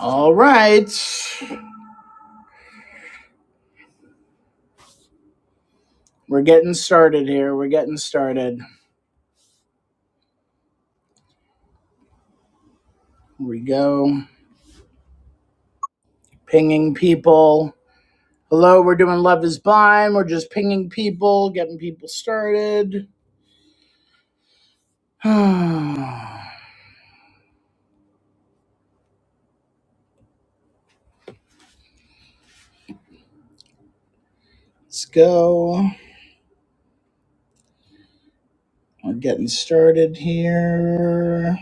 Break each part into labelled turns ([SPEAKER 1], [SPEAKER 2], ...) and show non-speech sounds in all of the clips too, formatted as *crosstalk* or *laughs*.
[SPEAKER 1] All right. We're getting started here. We're getting started. Here we go. Pinging people. Hello, we're doing Love is Blind. We're just pinging people, getting people started. *sighs* Let's go. We're getting started here.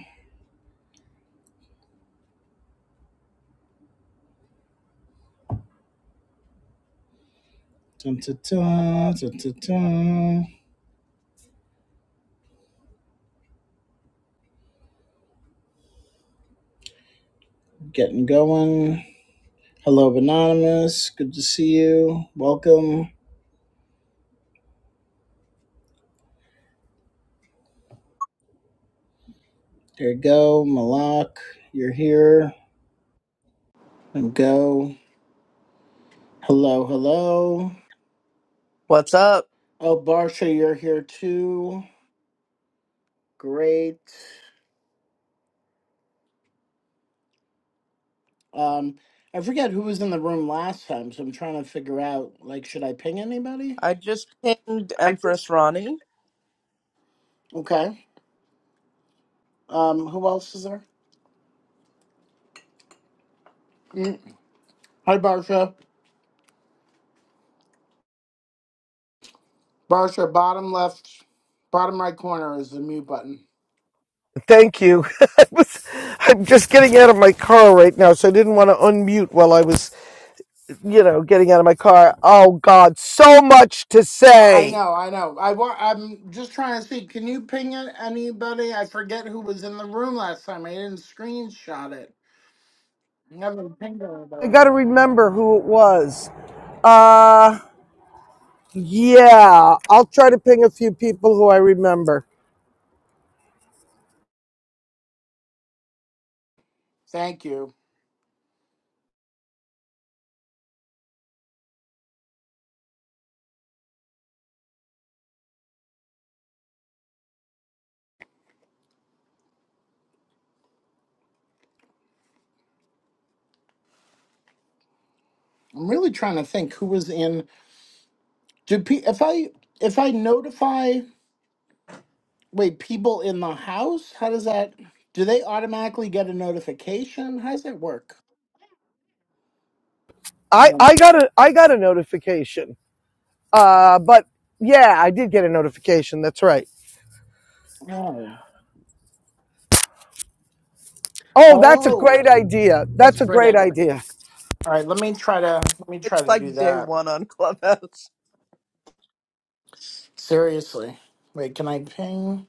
[SPEAKER 1] Dun, dun, dun, dun, dun, dun. Getting going. Hello, Anonymous. Good to see you. Welcome. There you go. Malak, you're here. And go. Hello, hello.
[SPEAKER 2] What's up?
[SPEAKER 1] Oh, Barsha, you're here too. Great. Um, I forget who was in the room last time, so I'm trying to figure out like, should I ping anybody?
[SPEAKER 2] I just pinged
[SPEAKER 1] I just
[SPEAKER 2] Empress Ronnie.
[SPEAKER 1] okay. Um, who else is there? Mm. Hi, Barsha. Barsha, bottom left, bottom right corner is the mute button.
[SPEAKER 3] Thank you. *laughs* I was, I'm just getting out of my car right now, so I didn't want to unmute while I was, you know, getting out of my car. Oh, God, so much to
[SPEAKER 1] I
[SPEAKER 3] say.
[SPEAKER 1] know, I know. I wa- I'm just trying to see. Can you ping it- anybody? I forget who was in the room last time. I didn't screenshot it. Never pinged
[SPEAKER 3] I
[SPEAKER 1] anybody.
[SPEAKER 3] got to remember who it was. Uh, yeah, I'll try to ping a few people who I remember.
[SPEAKER 1] Thank you. I'm really trying to think who was in. Do pe- if I if I notify wait people in the house? How does that? Do they automatically get a notification? How does that work?
[SPEAKER 3] I, I
[SPEAKER 1] No.
[SPEAKER 3] got a I got a notification. Uh, but yeah, I did get a notification. That's right.
[SPEAKER 1] Oh,
[SPEAKER 3] Oh, that's a
[SPEAKER 1] oh,
[SPEAKER 3] great idea. That's
[SPEAKER 1] that's a
[SPEAKER 3] a
[SPEAKER 1] great
[SPEAKER 3] great
[SPEAKER 1] idea.
[SPEAKER 3] idea.
[SPEAKER 1] All right, let me try to let me
[SPEAKER 2] It's
[SPEAKER 1] try to do
[SPEAKER 2] like day
[SPEAKER 1] that.
[SPEAKER 2] one on *laughs* Clubhouse.
[SPEAKER 1] Seriously, wait, can I ping?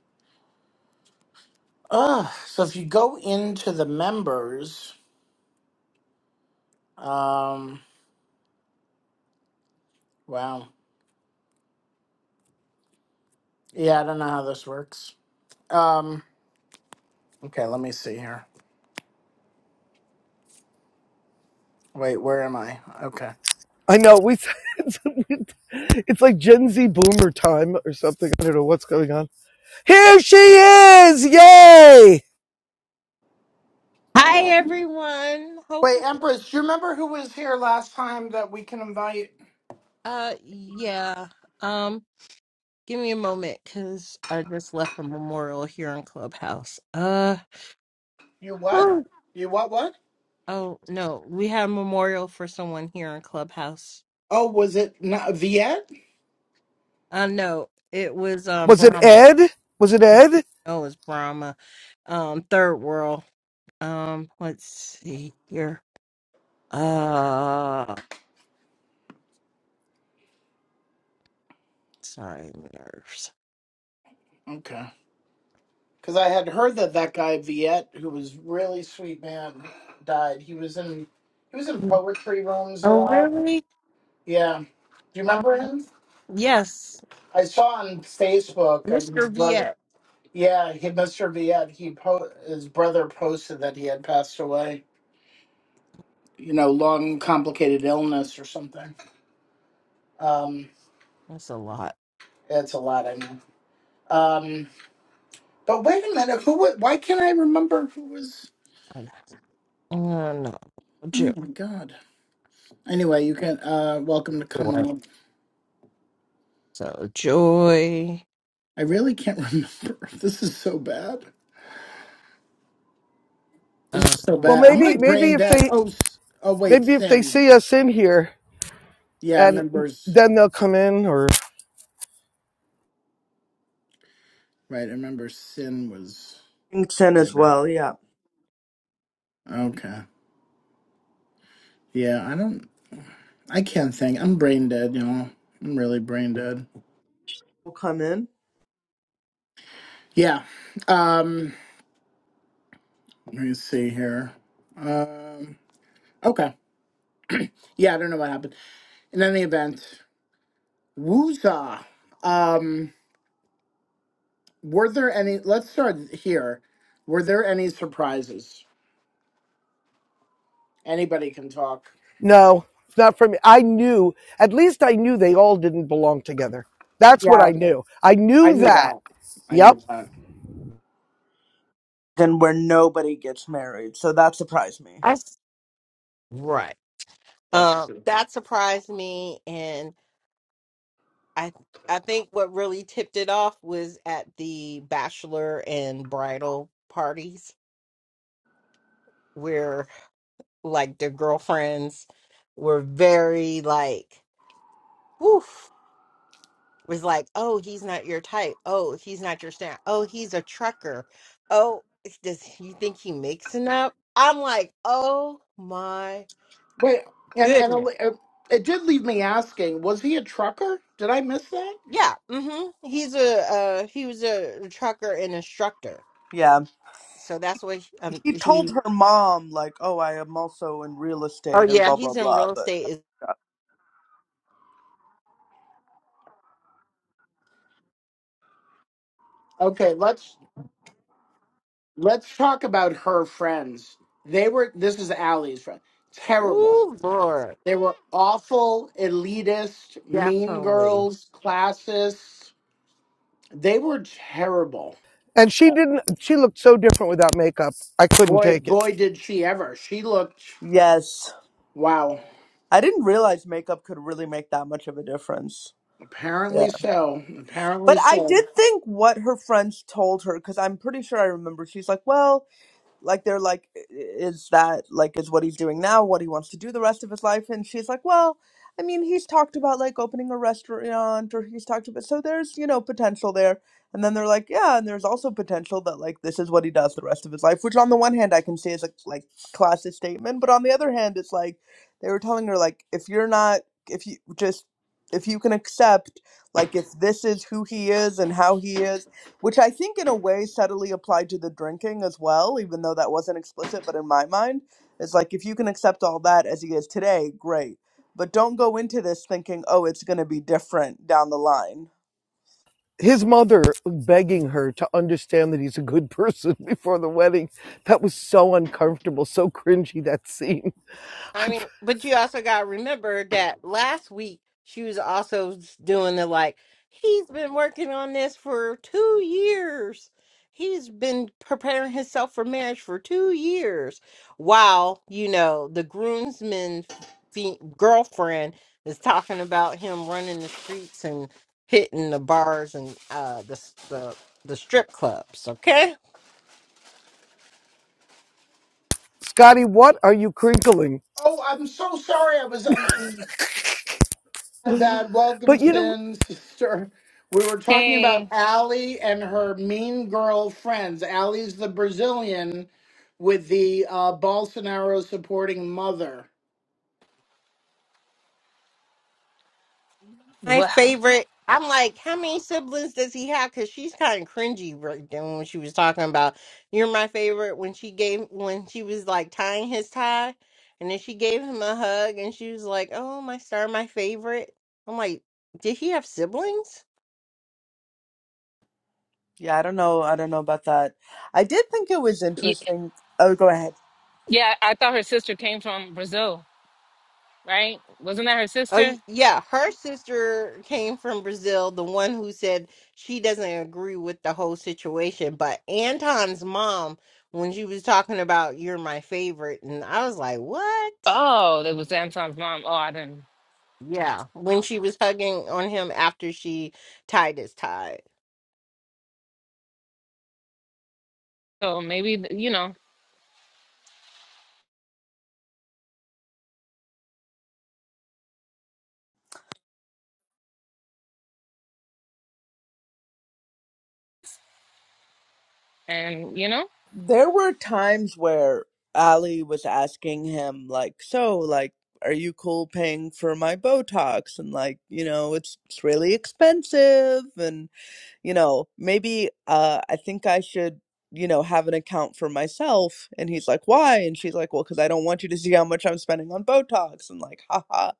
[SPEAKER 1] Ah, so if you go into the members, um, wow, yeah, I don't know how this works. Um, okay, let me see here. Wait, where am I? Okay.
[SPEAKER 3] I know we. *laughs* It's, like Gen Z boomer time or something. I don't know what's going on. Here she is! Yay!
[SPEAKER 4] Hi everyone.
[SPEAKER 1] Wait,
[SPEAKER 4] Hopefully,
[SPEAKER 1] Empress, do you remember who was here last time that we can invite?
[SPEAKER 4] uh, yeah. Um, give me a moment because I just left a memorial here in Clubhouse. Uh,
[SPEAKER 1] You what?
[SPEAKER 4] oh
[SPEAKER 1] You what? What?
[SPEAKER 4] oh, no, we had a memorial for someone here in Clubhouse.
[SPEAKER 1] Oh, was it not Viet?
[SPEAKER 4] Uh, no, it was um
[SPEAKER 3] Was it
[SPEAKER 4] Brahma.
[SPEAKER 3] Ed? Was it Ed?
[SPEAKER 4] Oh, it was Brahma. Um, Third World. Um, let's see here. Uh, sorry, nerves.
[SPEAKER 1] Okay, because I had heard that that guy Viet, who was really sweet man, died. He was in he was in poetry rooms a
[SPEAKER 4] Oh
[SPEAKER 1] lot.
[SPEAKER 4] really?
[SPEAKER 1] Yeah, do you
[SPEAKER 4] Um,
[SPEAKER 1] remember him?
[SPEAKER 4] yes,
[SPEAKER 1] I saw on Facebook I his
[SPEAKER 4] Mr.
[SPEAKER 1] brother.
[SPEAKER 4] Viet.
[SPEAKER 1] Yeah, he, Mr. Viet. He po- his brother posted that he had passed away. You know, long complicated illness or something. Um,
[SPEAKER 4] That's a lot.
[SPEAKER 1] it's a lot. I know. Um, but wait a minute, who? wa- Why can't I remember who was?
[SPEAKER 4] Uh, no, joy.
[SPEAKER 1] Oh my god. Anyway, you can. Uh, welcome to come
[SPEAKER 4] right,
[SPEAKER 1] on.
[SPEAKER 4] So joy.
[SPEAKER 1] I really can't *laughs* remember. This is so bad. This is so
[SPEAKER 4] Um,
[SPEAKER 3] Well,
[SPEAKER 1] bad. I'm
[SPEAKER 3] maybe,
[SPEAKER 1] like
[SPEAKER 3] maybe
[SPEAKER 1] brain
[SPEAKER 3] if
[SPEAKER 1] dead.
[SPEAKER 3] they,
[SPEAKER 1] Oh, s- oh wait,
[SPEAKER 3] maybe if they
[SPEAKER 1] sin.
[SPEAKER 3] see us in here,
[SPEAKER 1] Yeah, I
[SPEAKER 3] and
[SPEAKER 1] remember. s-
[SPEAKER 3] then they'll come in. Or
[SPEAKER 1] Right, I remember sin was
[SPEAKER 2] Kingston as
[SPEAKER 1] there.
[SPEAKER 2] well, yeah.
[SPEAKER 1] Okay. Yeah, I don't. I can't think. I'm brain dead, y'all. I'm really brain dead.
[SPEAKER 2] We'll come in.
[SPEAKER 1] Yeah. Um. Let me see here. Um. Okay. Yeah, I don't know what happened. In any event, woozah. Um, were there any? Let's start here. Were there any surprises? Anybody can talk.
[SPEAKER 3] no, it's not for me. I knew. At least I knew they all didn't belong together. That's what
[SPEAKER 2] Yeah.
[SPEAKER 3] I knew. I
[SPEAKER 1] I
[SPEAKER 3] knew
[SPEAKER 1] knew
[SPEAKER 3] that.
[SPEAKER 1] that. I knew
[SPEAKER 3] Yep.
[SPEAKER 1] that.
[SPEAKER 2] Then where nobody gets married. So that surprised me.
[SPEAKER 4] I s- right.
[SPEAKER 1] That's
[SPEAKER 4] Um,
[SPEAKER 1] true.
[SPEAKER 4] that surprised me, and I I think what really tipped it off was at the bachelor and bridal parties where like the girlfriends were very like, "Woof." was like, oh, he's not your type. Oh, he's not your stamp. Oh, he's a trucker. Oh, it's- does you think he mixing up? I'm like, oh my
[SPEAKER 1] Wait, and and a
[SPEAKER 4] goodness.
[SPEAKER 1] li- uh, it did leave me asking: Was he a trucker? Did I miss that?
[SPEAKER 4] Yeah, mm-hmm. He's a uh, he was a trucker and instructor.
[SPEAKER 2] Yeah.
[SPEAKER 4] So that's what he- um
[SPEAKER 2] He told
[SPEAKER 4] he.
[SPEAKER 2] her mom, like, oh, I am also in real
[SPEAKER 4] Oh
[SPEAKER 2] estate and
[SPEAKER 4] yeah,
[SPEAKER 2] blah, blah,
[SPEAKER 4] he's in
[SPEAKER 2] blah.
[SPEAKER 4] real
[SPEAKER 2] But
[SPEAKER 4] estate. Is
[SPEAKER 1] Okay, let's let's talk about her friends. They were. This is Allie's friend. Terrible.
[SPEAKER 4] ooh Lord,
[SPEAKER 1] They were awful, elitist, mean
[SPEAKER 4] definitely.
[SPEAKER 1] girls, classists. They were terrible
[SPEAKER 3] And she didn't. She looked so different without makeup. I couldn't
[SPEAKER 1] Boy,
[SPEAKER 3] take it.
[SPEAKER 1] boy, did she ever. She looked,
[SPEAKER 2] yes.
[SPEAKER 1] wow.
[SPEAKER 2] I didn't realize makeup could really make that much of a difference.
[SPEAKER 1] Apparently
[SPEAKER 2] Yeah.
[SPEAKER 1] so. Apparently
[SPEAKER 2] But I
[SPEAKER 1] so.
[SPEAKER 2] did think what her friends told her, because I'm pretty sure I remember she's like, well, like they're like is that like is what he's doing now what he wants to do the rest of his life and she's like well i mean he's talked about like opening a restaurant or he's talked about so there's you know potential there and then they're like yeah and there's also potential that like this is what he does the rest of his life which on the one hand i can see as a like classist statement but on the other hand it's like they were telling her like if you're not if you just if you can accept like if this is who he is and how he is which I think in a way subtly applied to the drinking as well, even though that wasn't explicit. But in my mind, it's like if you can accept all that as he is today, great. But don't go into this thinking, oh, it's going to be different down the line.
[SPEAKER 3] his mother begging her to understand that he's a good person *laughs* before the wedding. That was so uncomfortable, so cringy, that scene.
[SPEAKER 4] I
[SPEAKER 3] I,
[SPEAKER 4] mean, but you also got to remember that last week she was also s- doing the like, he's been working on this for two years. He's been preparing himself for marriage for two years. While, you know, the groomsman fe- girlfriend is talking about him running the streets and hitting the bars and uh, the, s- the, the strip clubs. okay?
[SPEAKER 3] Scotty, what are you crinkling?
[SPEAKER 1] Oh, I'm so sorry. I was, um, my bad. Welcome,
[SPEAKER 3] But you know,
[SPEAKER 1] Sin, *laughs* sister. We were talking about
[SPEAKER 5] Hey,
[SPEAKER 1] Allie and her mean girl friends. Allie's the Brazilian with the uh, Bolsonaro supporting mother.
[SPEAKER 4] my
[SPEAKER 5] well,
[SPEAKER 4] favorite. I'm like, how many siblings does he have? Because she's kind of cringy right then when she was talking about you're my favorite when she gave when she was like tying his tie, and then she gave him a hug and she was like, oh my star, my favorite. I'm like, did he have siblings?
[SPEAKER 2] Yeah, I don't know. I don't know about that. I did think it was
[SPEAKER 5] y-
[SPEAKER 2] interesting. Oh, go ahead.
[SPEAKER 5] yeah, I thought her sister came from Brazil, right? Wasn't that her
[SPEAKER 4] Oh y-
[SPEAKER 5] sister?
[SPEAKER 4] yeah, her sister came from Brazil, the one who said she doesn't agree with the whole situation. But Anton's mom, when she was talking about you're my favorite, and I was like, what?
[SPEAKER 5] Oh, that was Anton's mom. Oh, I didn't.
[SPEAKER 4] Yeah, when she was hugging on him after she tied his tie.
[SPEAKER 5] So maybe, you know, and you know,
[SPEAKER 2] There were times where Ali was asking him, like, so, like, are you cool paying for my Botox? And, like, you know, it's, it's really expensive. and. you know, maybe uh, I think I should, you know, have an account for myself. And he's like, why? And she's like, well, because I don't want you to see how much I'm spending on Botox. And like, haha.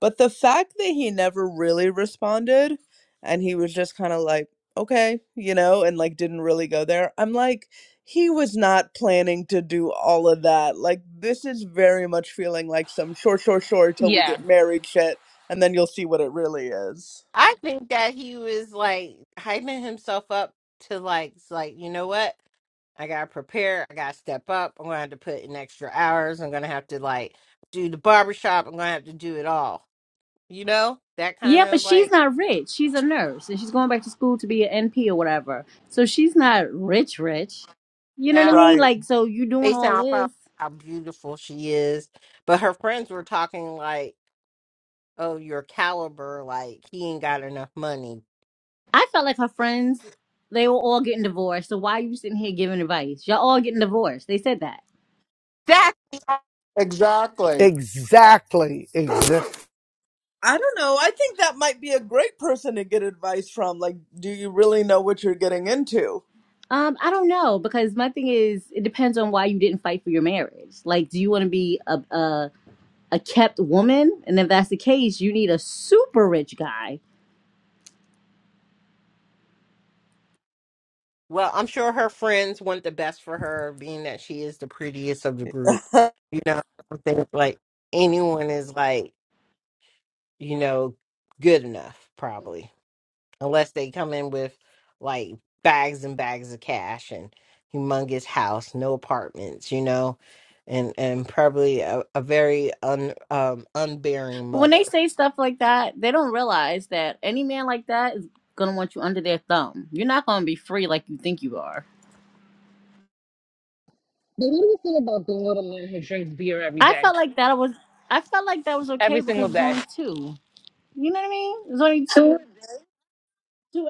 [SPEAKER 2] But the fact that he never really responded and he was just kind of like, okay, you know, and like didn't really go there, I'm like, he was not planning to do all of that. Like, this is very much feeling like some short, short, short till we
[SPEAKER 5] yeah.
[SPEAKER 2] get married shit. And then you'll see what it really is.
[SPEAKER 4] I think that he was like hyping himself up to like, s- like you know what? I gotta prepare. I gotta step up. I'm gonna have to put in extra hours. I'm gonna have to like do the barbershop. I'm gonna have to do it all. You know that kind
[SPEAKER 6] Yeah, but
[SPEAKER 4] of
[SPEAKER 6] she's
[SPEAKER 4] like
[SPEAKER 6] not rich. She's a nurse and she's going back to school to be an NP or whatever. So she's not rich, rich. You know what I
[SPEAKER 4] that.
[SPEAKER 6] mean?
[SPEAKER 2] Right.
[SPEAKER 6] Like, so you doing
[SPEAKER 4] Based
[SPEAKER 6] all
[SPEAKER 4] on how
[SPEAKER 6] this.
[SPEAKER 4] how beautiful she is, but her friends were talking like, "Oh, your caliber, like he ain't got enough money."
[SPEAKER 6] I felt like her friends, they were all getting divorced. So why are you sitting here giving advice? Y'all all getting divorced. They said that.
[SPEAKER 4] That's
[SPEAKER 1] Exactly.
[SPEAKER 3] exactly, exactly.
[SPEAKER 2] I don't know. I think that might be a great person to get advice from. Like, do you really know what you're getting into?
[SPEAKER 6] Um, I don't know because my thing is, it depends on why you didn't fight for your marriage. Like, do you want to be a, a a kept woman? And if that's the case, you need a super rich guy
[SPEAKER 4] Well, I'm sure her friends want the best for her, being that she is the prettiest of the group.
[SPEAKER 2] *laughs* yeah,
[SPEAKER 4] You know, I don't think like anyone is like, you know, good enough, probably, unless they come in with like bags and bags of cash and humongous house, no apartments, you know, and and probably a, a very un um unbearing
[SPEAKER 6] But when they
[SPEAKER 4] mother.
[SPEAKER 6] say stuff like that, they don't realize that any man like that is gonna want you under their thumb. You're not gonna be free like you think you are.
[SPEAKER 5] But what do you think about the little man who drinks beer every
[SPEAKER 6] I
[SPEAKER 5] day,
[SPEAKER 6] felt like that was I felt like that was okay
[SPEAKER 5] every
[SPEAKER 6] because
[SPEAKER 5] single
[SPEAKER 6] it was
[SPEAKER 5] day?
[SPEAKER 6] only two. You know what I mean? It was only two. two.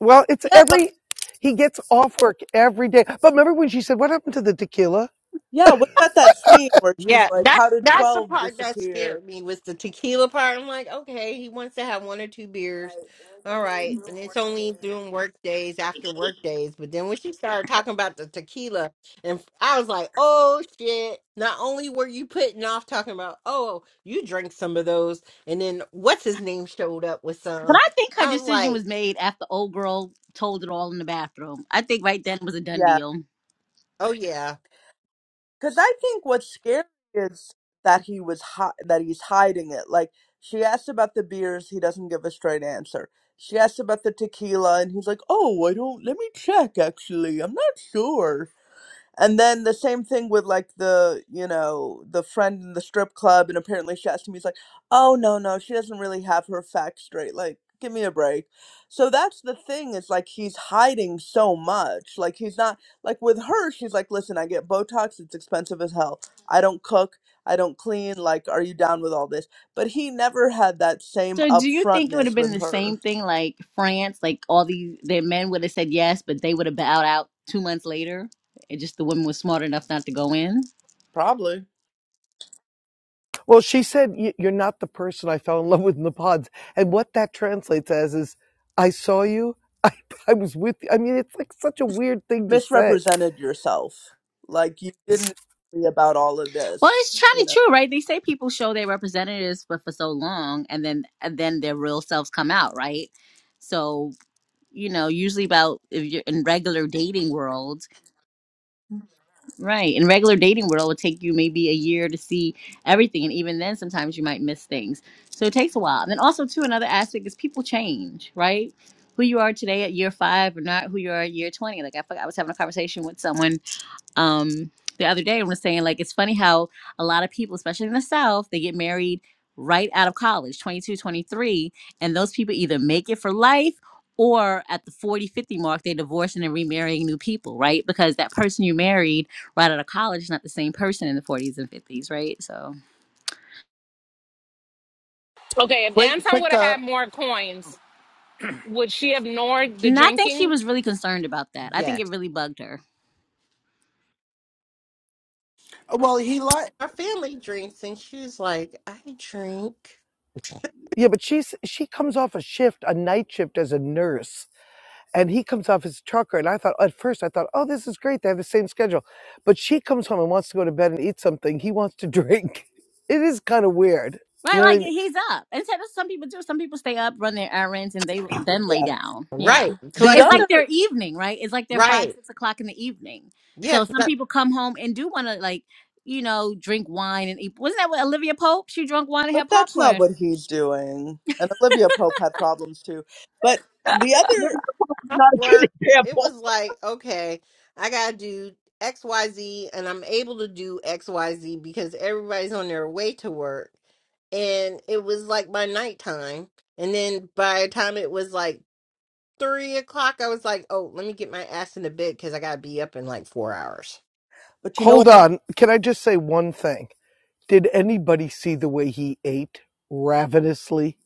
[SPEAKER 3] Well, it's
[SPEAKER 2] but
[SPEAKER 3] every, he gets off work every day. But remember when she said, what happened to the tequila?
[SPEAKER 2] yeah, what about that scene where she's
[SPEAKER 4] Yeah,
[SPEAKER 2] like,
[SPEAKER 4] that
[SPEAKER 2] how did
[SPEAKER 4] that's the
[SPEAKER 2] 12
[SPEAKER 4] part that
[SPEAKER 2] disappear?
[SPEAKER 4] scared me was the tequila part. I'm like, okay, he wants to have one or two beers. All right. And it's only during work days after work days. But then when she started talking about the tequila and I was like, oh shit. Not only were you putting off talking about, oh, you drank some of those, and then what's his name showed up with
[SPEAKER 6] But
[SPEAKER 4] some.
[SPEAKER 6] I think her
[SPEAKER 4] I was
[SPEAKER 6] decision was
[SPEAKER 4] like,
[SPEAKER 6] made after old girl told it all in the bathroom. I think right then it was a done
[SPEAKER 2] Yeah.
[SPEAKER 6] deal.
[SPEAKER 4] Oh yeah,
[SPEAKER 2] Because I think what's scary is that he was hi- that he's hiding it. Like, she asked about the beers, he doesn't give a straight answer. She asked about the tequila, and he's like, oh, I don't, let me check actually. I'm not sure. And then the same thing with like the, you know, the friend in the strip club, and apparently she asked me, he's like, oh, no, no, she doesn't really have her facts straight. Like, give me a break. So that's the thing is like he's hiding so much. Like, he's not, like with her, she's like, listen, I get Botox, it's expensive as hell. I don't cook, I don't clean. Like, are you down with all this? But he never had that same
[SPEAKER 6] So do you think it would have
[SPEAKER 2] upfrontness
[SPEAKER 6] been
[SPEAKER 2] with
[SPEAKER 6] the same
[SPEAKER 2] her.
[SPEAKER 6] thing like France? Like all these their men would have said yes, but they would have bowed out two months later. And just the women was smart enough not to go in.
[SPEAKER 2] Probably.
[SPEAKER 3] Well, she said, "Y- you're not the person I fell in love with in the pods. And what that translates as is, I saw you. *laughs* I, I was with you. I mean, it's like such a weird thing to say
[SPEAKER 2] misrepresented yourself. Like you didn't worry about all of
[SPEAKER 6] Well,
[SPEAKER 2] this,
[SPEAKER 6] it's kind
[SPEAKER 2] you
[SPEAKER 6] of
[SPEAKER 2] know.
[SPEAKER 6] true, right? They say people show their representatives for, for so long, and then and then their real selves come out, right? So you know, usually about if you're in regular dating world, right? In regular dating world, it would take you maybe a year to see everything, and even then, sometimes you might miss things. So it takes a while. And then also, too, another aspect is people change, right? Who you are today at year five, or not who you are at year twenty. Like I, forgot- I was having a conversation with someone um the other day I was saying like it's funny how a lot of people especially in the south they get married right out of college 22, 23, and those people either make it for life or at the 40 50 mark they're divorcing and remarrying new people right because that person you married right out of college is not the same person in the 40s and 50s right so
[SPEAKER 5] Okay, if
[SPEAKER 1] Quick,
[SPEAKER 5] Anton would
[SPEAKER 1] quick.
[SPEAKER 5] have
[SPEAKER 1] Uh,
[SPEAKER 5] had more coins, would she have ignored the
[SPEAKER 6] and i think she
[SPEAKER 5] drinking?
[SPEAKER 6] was really concerned about that i think it
[SPEAKER 4] yes.
[SPEAKER 6] really bugged her
[SPEAKER 1] well, he like.
[SPEAKER 4] Our family drinks and she was like, I drink.
[SPEAKER 3] Yeah, but she's she comes off a shift, a night shift as a nurse, and he comes off as a trucker. And I thought at first I thought, oh, this is great. They have the same schedule. But she comes home and wants to go to bed and eat something. He wants to drink. *laughs* It is kind of weird. You
[SPEAKER 6] Right,
[SPEAKER 3] know what
[SPEAKER 6] like
[SPEAKER 3] I mean?
[SPEAKER 6] he's up. And so that's- some people do. Some people stay up, run their errands, and they then lay
[SPEAKER 2] Yeah.
[SPEAKER 6] down.
[SPEAKER 4] Right.
[SPEAKER 6] Yeah,
[SPEAKER 2] The
[SPEAKER 4] Like
[SPEAKER 6] it's like their
[SPEAKER 2] other
[SPEAKER 6] evening, right? It's like their five,
[SPEAKER 4] right.
[SPEAKER 6] six o'clock in the evening.
[SPEAKER 4] Yeah,
[SPEAKER 6] So some
[SPEAKER 4] 'cause
[SPEAKER 6] people come home and do want to, like, you know, drink wine and eat. Wasn't that what Olivia Pope? She drank wine and had
[SPEAKER 2] but that's not
[SPEAKER 6] popcorn
[SPEAKER 2] what he's doing. And Olivia Pope had problems too. But the other
[SPEAKER 7] Maybe is
[SPEAKER 4] off
[SPEAKER 7] not a good *laughs*
[SPEAKER 4] work, it
[SPEAKER 7] example.
[SPEAKER 4] was like, okay, I gotta do XYZ and I'm able to do XYZ because everybody's on their way to work. And it was like my nighttime. And then by the time it was like three o'clock, I was like, oh, let me get my ass in the bed because I gotta be up in like four hours.
[SPEAKER 2] but you know
[SPEAKER 3] Hold
[SPEAKER 2] what
[SPEAKER 3] on. Can I just say one thing? Did anybody see the way he ate ravenously?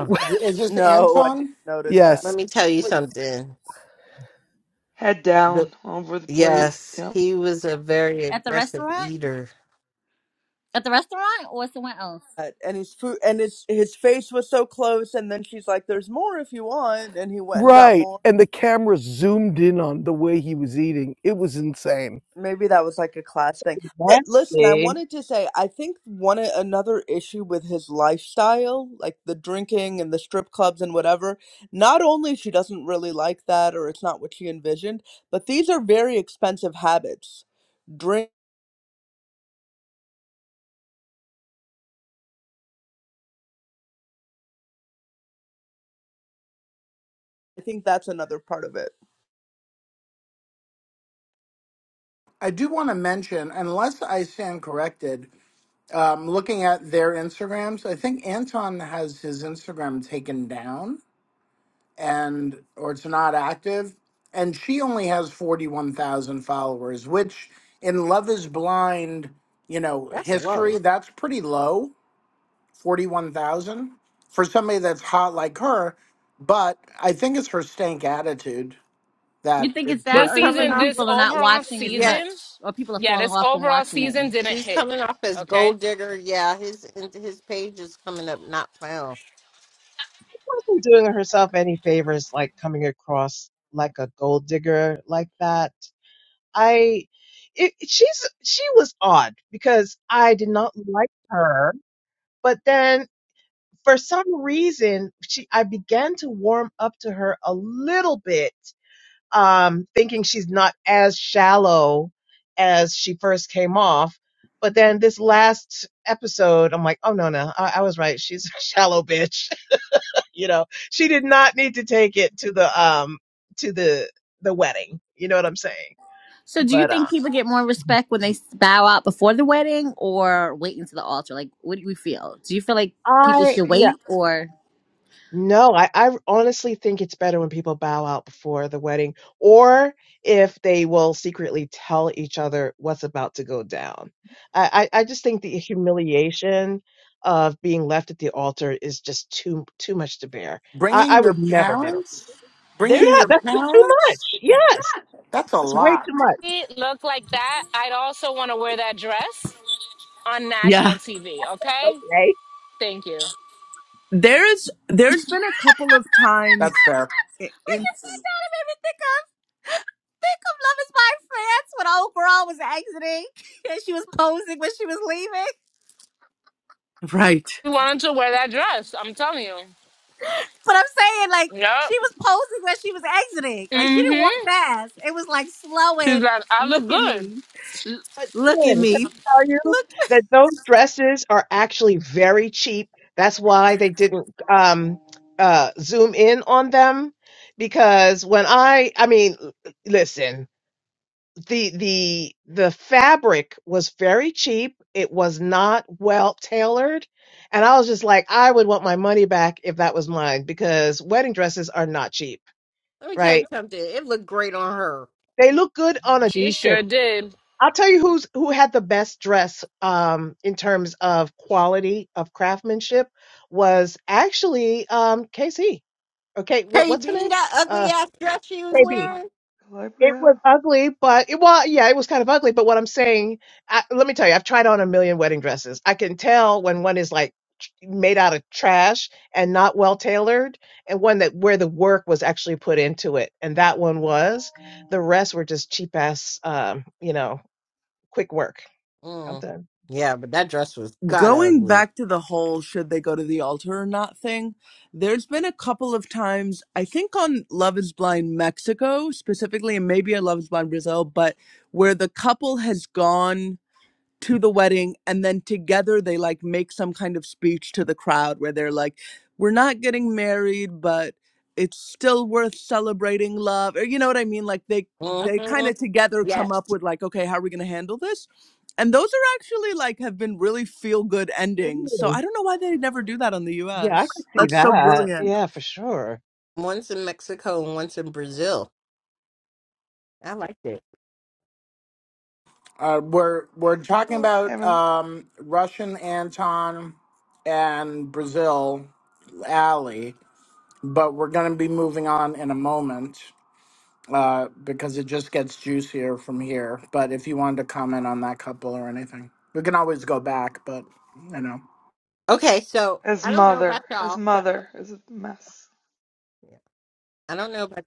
[SPEAKER 3] *laughs*
[SPEAKER 1] Is this
[SPEAKER 2] no, I didn't
[SPEAKER 1] Anton?
[SPEAKER 2] notice
[SPEAKER 4] let
[SPEAKER 2] that.
[SPEAKER 3] yes.
[SPEAKER 4] me tell you
[SPEAKER 7] With
[SPEAKER 4] something.
[SPEAKER 8] Head down
[SPEAKER 4] The-
[SPEAKER 8] over the plate.
[SPEAKER 4] yes,
[SPEAKER 8] Yep.
[SPEAKER 4] he was a very
[SPEAKER 6] at the
[SPEAKER 4] aggressive
[SPEAKER 6] restaurant.
[SPEAKER 4] eater.
[SPEAKER 6] At the restaurant, or somewhere else.
[SPEAKER 2] But- And his food and his his face was so close and then she's like, There's more if you want and he went and got
[SPEAKER 3] Right.
[SPEAKER 2] more.
[SPEAKER 3] And the camera zoomed in on the way he was eating. It was insane.
[SPEAKER 2] Maybe that was like a class thing.
[SPEAKER 7] something
[SPEAKER 2] But listen, I
[SPEAKER 7] nasty.
[SPEAKER 2] wanted to say I think one another issue with his lifestyle, like the drinking and the strip clubs and whatever, not only she doesn't really like that or it's not what she envisioned, but these are very expensive habits. Drink, I think that's another part of it.
[SPEAKER 1] I do want to mention, unless I stand corrected, Um, looking at their Instagrams, I think Anton has his Instagram taken down and or it's not active. And she only has 41,000 followers, which in Love is Blind, you know,
[SPEAKER 4] That's
[SPEAKER 1] history,
[SPEAKER 4] low.
[SPEAKER 1] that's pretty low, 41,000 for somebody that's hot like her. But I think it's her stank attitude that
[SPEAKER 6] You think it's that,
[SPEAKER 5] This
[SPEAKER 1] for
[SPEAKER 6] or you
[SPEAKER 4] Coming
[SPEAKER 5] season,
[SPEAKER 6] think
[SPEAKER 4] off.
[SPEAKER 5] this
[SPEAKER 6] people are not
[SPEAKER 5] overall
[SPEAKER 6] watching as
[SPEAKER 4] Yeah,
[SPEAKER 5] season,
[SPEAKER 6] much, or people are
[SPEAKER 5] yeah,
[SPEAKER 6] falling
[SPEAKER 5] this
[SPEAKER 6] off from
[SPEAKER 5] overall
[SPEAKER 6] watching it?
[SPEAKER 5] season didn't
[SPEAKER 4] She's
[SPEAKER 5] hit.
[SPEAKER 4] coming off as
[SPEAKER 5] Okay.
[SPEAKER 4] gold digger. Yeah, his his page is coming up not found.
[SPEAKER 7] Wasn't doing herself any favors, like coming across like a gold digger like that. I, it, she's she was odd because I did not like her, but then for some reason she I began to warm up to her a little bit um, thinking she's not as shallow as she first came off. But then this last episode, I'm like, oh no, no, I, I was right. She's a shallow bitch. *laughs* you know, she did not need to take it to the um to the the wedding. You know what I'm saying?
[SPEAKER 6] So, do you
[SPEAKER 7] But
[SPEAKER 6] think
[SPEAKER 7] um,
[SPEAKER 6] people get more respect when they bow out before the wedding or wait until the altar? Like, what do we feel? Do you feel like people
[SPEAKER 7] I
[SPEAKER 6] should
[SPEAKER 7] yeah.
[SPEAKER 6] wait or?
[SPEAKER 7] No, I, I honestly think it's better when people bow out before the wedding, or if they will secretly tell each other what's about to go down. I, I, I just think the humiliation of being left at the altar is just too too much to bear. I, I
[SPEAKER 1] bringing your
[SPEAKER 7] would never get over. it.
[SPEAKER 1] parents, bringing
[SPEAKER 2] There's
[SPEAKER 7] Yeah,
[SPEAKER 1] your
[SPEAKER 7] that's just too much.
[SPEAKER 1] parents,
[SPEAKER 7] Yes,
[SPEAKER 1] that's a
[SPEAKER 7] that's way
[SPEAKER 1] lot.
[SPEAKER 7] too much.
[SPEAKER 5] If looked like that. I'd also want to wear that dress on
[SPEAKER 2] Yeah,
[SPEAKER 5] national TV, okay?
[SPEAKER 7] Okay.
[SPEAKER 5] Thank you.
[SPEAKER 2] there's there's been a couple of times
[SPEAKER 1] That's fair.
[SPEAKER 2] i-
[SPEAKER 6] Like,
[SPEAKER 2] in
[SPEAKER 6] you made me think of think of Love Is My France when old girl was exiting *laughs* and she was posing when she was leaving.
[SPEAKER 2] right.
[SPEAKER 5] You wanted to wear that dress, I'm telling you.
[SPEAKER 6] But I'm saying, like,
[SPEAKER 5] Yep.
[SPEAKER 6] she was posing when she was exiting. Like, she didn't walk
[SPEAKER 5] Mm-hmm.
[SPEAKER 6] fast. It was like slow
[SPEAKER 5] She's
[SPEAKER 6] and
[SPEAKER 5] like, I
[SPEAKER 6] look
[SPEAKER 5] look
[SPEAKER 6] at
[SPEAKER 5] good.
[SPEAKER 6] me, L-
[SPEAKER 7] But
[SPEAKER 6] look at
[SPEAKER 7] then, can
[SPEAKER 6] me,
[SPEAKER 7] I tell you
[SPEAKER 6] look.
[SPEAKER 7] that
[SPEAKER 6] *laughs*
[SPEAKER 7] those dresses are actually very cheap. That's why they didn't um, uh, zoom in on them because when I, I mean, l- listen, the the the fabric was very cheap. It was not well tailored, and I was just like, I would want my money back if that was mine because wedding dresses are not cheap,
[SPEAKER 4] Let me tell
[SPEAKER 7] right?
[SPEAKER 4] you something. It looked great on her.
[SPEAKER 7] They look good on a
[SPEAKER 5] She
[SPEAKER 7] distance
[SPEAKER 5] sure did.
[SPEAKER 7] I'll tell you who's who had the best dress um, in terms of quality of craftsmanship was actually um, KC. Okay, what what's her
[SPEAKER 4] KB,
[SPEAKER 7] name?
[SPEAKER 4] that ugly
[SPEAKER 7] Uh,
[SPEAKER 4] ass dress she was
[SPEAKER 7] KB.
[SPEAKER 4] wearing.
[SPEAKER 7] It
[SPEAKER 8] Calabria.
[SPEAKER 7] was ugly, but it was yeah, it was kind of ugly. But what I'm saying, I, let me tell you, I've tried on a million wedding dresses. I can tell when one is like tr- made out of trash and not well tailored, and one that where the work was actually put into it, and that one was. The rest were just cheap ass, um, you know, quick work. I'm
[SPEAKER 4] Mm.
[SPEAKER 7] done.
[SPEAKER 4] Yeah, but that dress was god
[SPEAKER 2] going
[SPEAKER 4] ugly.
[SPEAKER 2] back to the whole should they go to the altar or not thing, there's been a couple of times, I think on Love is Blind Mexico specifically, and maybe on Love is Blind Brazil, but where the couple has gone to the wedding and then together they like make some kind of speech to the crowd where they're like we're not getting married but it's still worth celebrating love or you know what i mean like they they kind
[SPEAKER 4] hmm
[SPEAKER 2] of together come
[SPEAKER 4] Yes.
[SPEAKER 2] up with like okay how are we going to handle this and those are actually like have been really feel good endings so
[SPEAKER 7] Ooh,
[SPEAKER 2] i don't know why they never do that on the
[SPEAKER 7] Yeah, I could
[SPEAKER 2] us
[SPEAKER 7] see
[SPEAKER 2] that's so
[SPEAKER 7] that.
[SPEAKER 2] brilliant
[SPEAKER 7] Yeah, for sure.
[SPEAKER 4] Once in Mexico and once in Brazil. I liked it.
[SPEAKER 1] Uh, we're we're talking
[SPEAKER 8] Oh,
[SPEAKER 1] about
[SPEAKER 8] heaven.
[SPEAKER 1] um, Russian Anton and Brazil Alley, but we're going to be moving on in a moment uh, because it just gets juicier from here. But if you wanted to comment on that couple or anything, we can always go back. But you know,
[SPEAKER 4] Okay, so
[SPEAKER 8] His
[SPEAKER 4] I don't know about
[SPEAKER 8] mother. His
[SPEAKER 4] y'all, but
[SPEAKER 8] mother is a mess.
[SPEAKER 4] yeah, I don't know about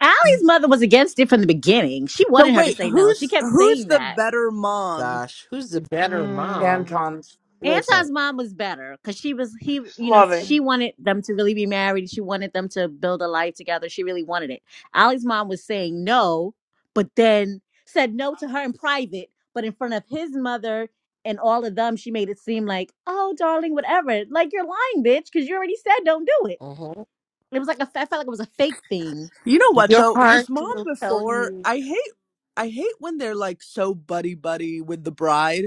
[SPEAKER 6] Allie's mother was against it from the beginning. She
[SPEAKER 2] so
[SPEAKER 6] wanted her to
[SPEAKER 2] wait
[SPEAKER 6] say no. She
[SPEAKER 2] who's
[SPEAKER 6] kept
[SPEAKER 2] who's
[SPEAKER 6] saying
[SPEAKER 2] the
[SPEAKER 6] that.
[SPEAKER 2] better mom
[SPEAKER 4] gosh, who's the better mom?
[SPEAKER 8] Mmm.
[SPEAKER 1] Anton's.
[SPEAKER 4] Listen,
[SPEAKER 6] Anton's mom was better because she was he,
[SPEAKER 8] Just
[SPEAKER 6] you know, she
[SPEAKER 8] loving.
[SPEAKER 6] wanted them to really be married. She wanted them to build a life together. She really wanted it. Allie's mom was saying no, but then said no to her in private, but in front of his mother and all of them, she made it seem like, oh, darling, whatever. Like you're lying, bitch, because you already said don't do it.
[SPEAKER 4] mhm,
[SPEAKER 6] It was like a, I felt like it was a fake thing.
[SPEAKER 2] You know what
[SPEAKER 4] your
[SPEAKER 2] though?
[SPEAKER 4] heart
[SPEAKER 2] His mom
[SPEAKER 4] will tell
[SPEAKER 2] before
[SPEAKER 4] you.
[SPEAKER 2] I hate I hate when they're like so buddy buddy with the bride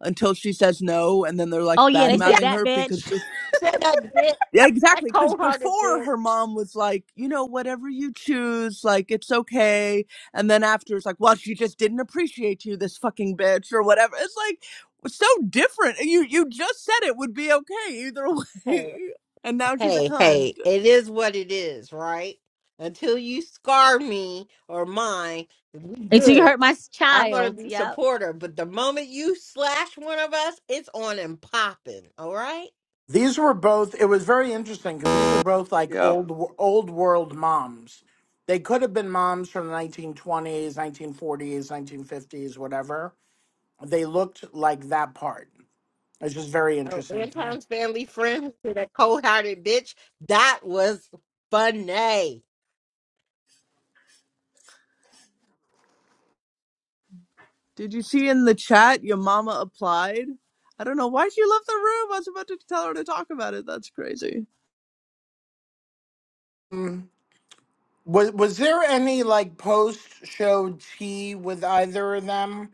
[SPEAKER 2] until she says no and then they're
[SPEAKER 6] Oh
[SPEAKER 2] like
[SPEAKER 6] yeah,
[SPEAKER 2] bad
[SPEAKER 6] they said
[SPEAKER 2] mouthing
[SPEAKER 6] that,
[SPEAKER 2] her because
[SPEAKER 6] bitch.
[SPEAKER 2] be-
[SPEAKER 4] said that bitch,
[SPEAKER 2] yeah,
[SPEAKER 4] that
[SPEAKER 2] exactly. Because
[SPEAKER 4] cold hearted
[SPEAKER 2] before
[SPEAKER 4] bitch.
[SPEAKER 2] her mom was like, you know, whatever you choose, like it's okay. And then after it's like, well, she just didn't appreciate you, this fucking bitch, or whatever. It's like so different. You you just said it would be okay either
[SPEAKER 4] Hey,
[SPEAKER 2] way, *laughs* and now she's a
[SPEAKER 4] hey,
[SPEAKER 2] cunt.
[SPEAKER 4] hey, it is what it is, right? Until you scar me or mine, we
[SPEAKER 6] *laughs* Until you
[SPEAKER 4] good.
[SPEAKER 6] hurt my
[SPEAKER 4] I'm gonna
[SPEAKER 6] child.
[SPEAKER 4] be
[SPEAKER 6] Yep.
[SPEAKER 4] supporter, but the moment you slash one of us, it's on and popping. All right.
[SPEAKER 1] These were both. It was very interesting because these are both like
[SPEAKER 8] Yep.
[SPEAKER 1] old wo- old world moms. They could have been moms from the 1920s, 1940s, 1950s, whatever They looked like that part. It's just very
[SPEAKER 4] Oh,
[SPEAKER 1] interesting to me.
[SPEAKER 4] Anton's family friend to that cold hearted bitch. That was funny.
[SPEAKER 2] Did you see in the chat your mama applied? I don't know why she left the room. I was about to tell her to talk about it. That's crazy.
[SPEAKER 1] Mm. Was was there any like post show tea with either of them?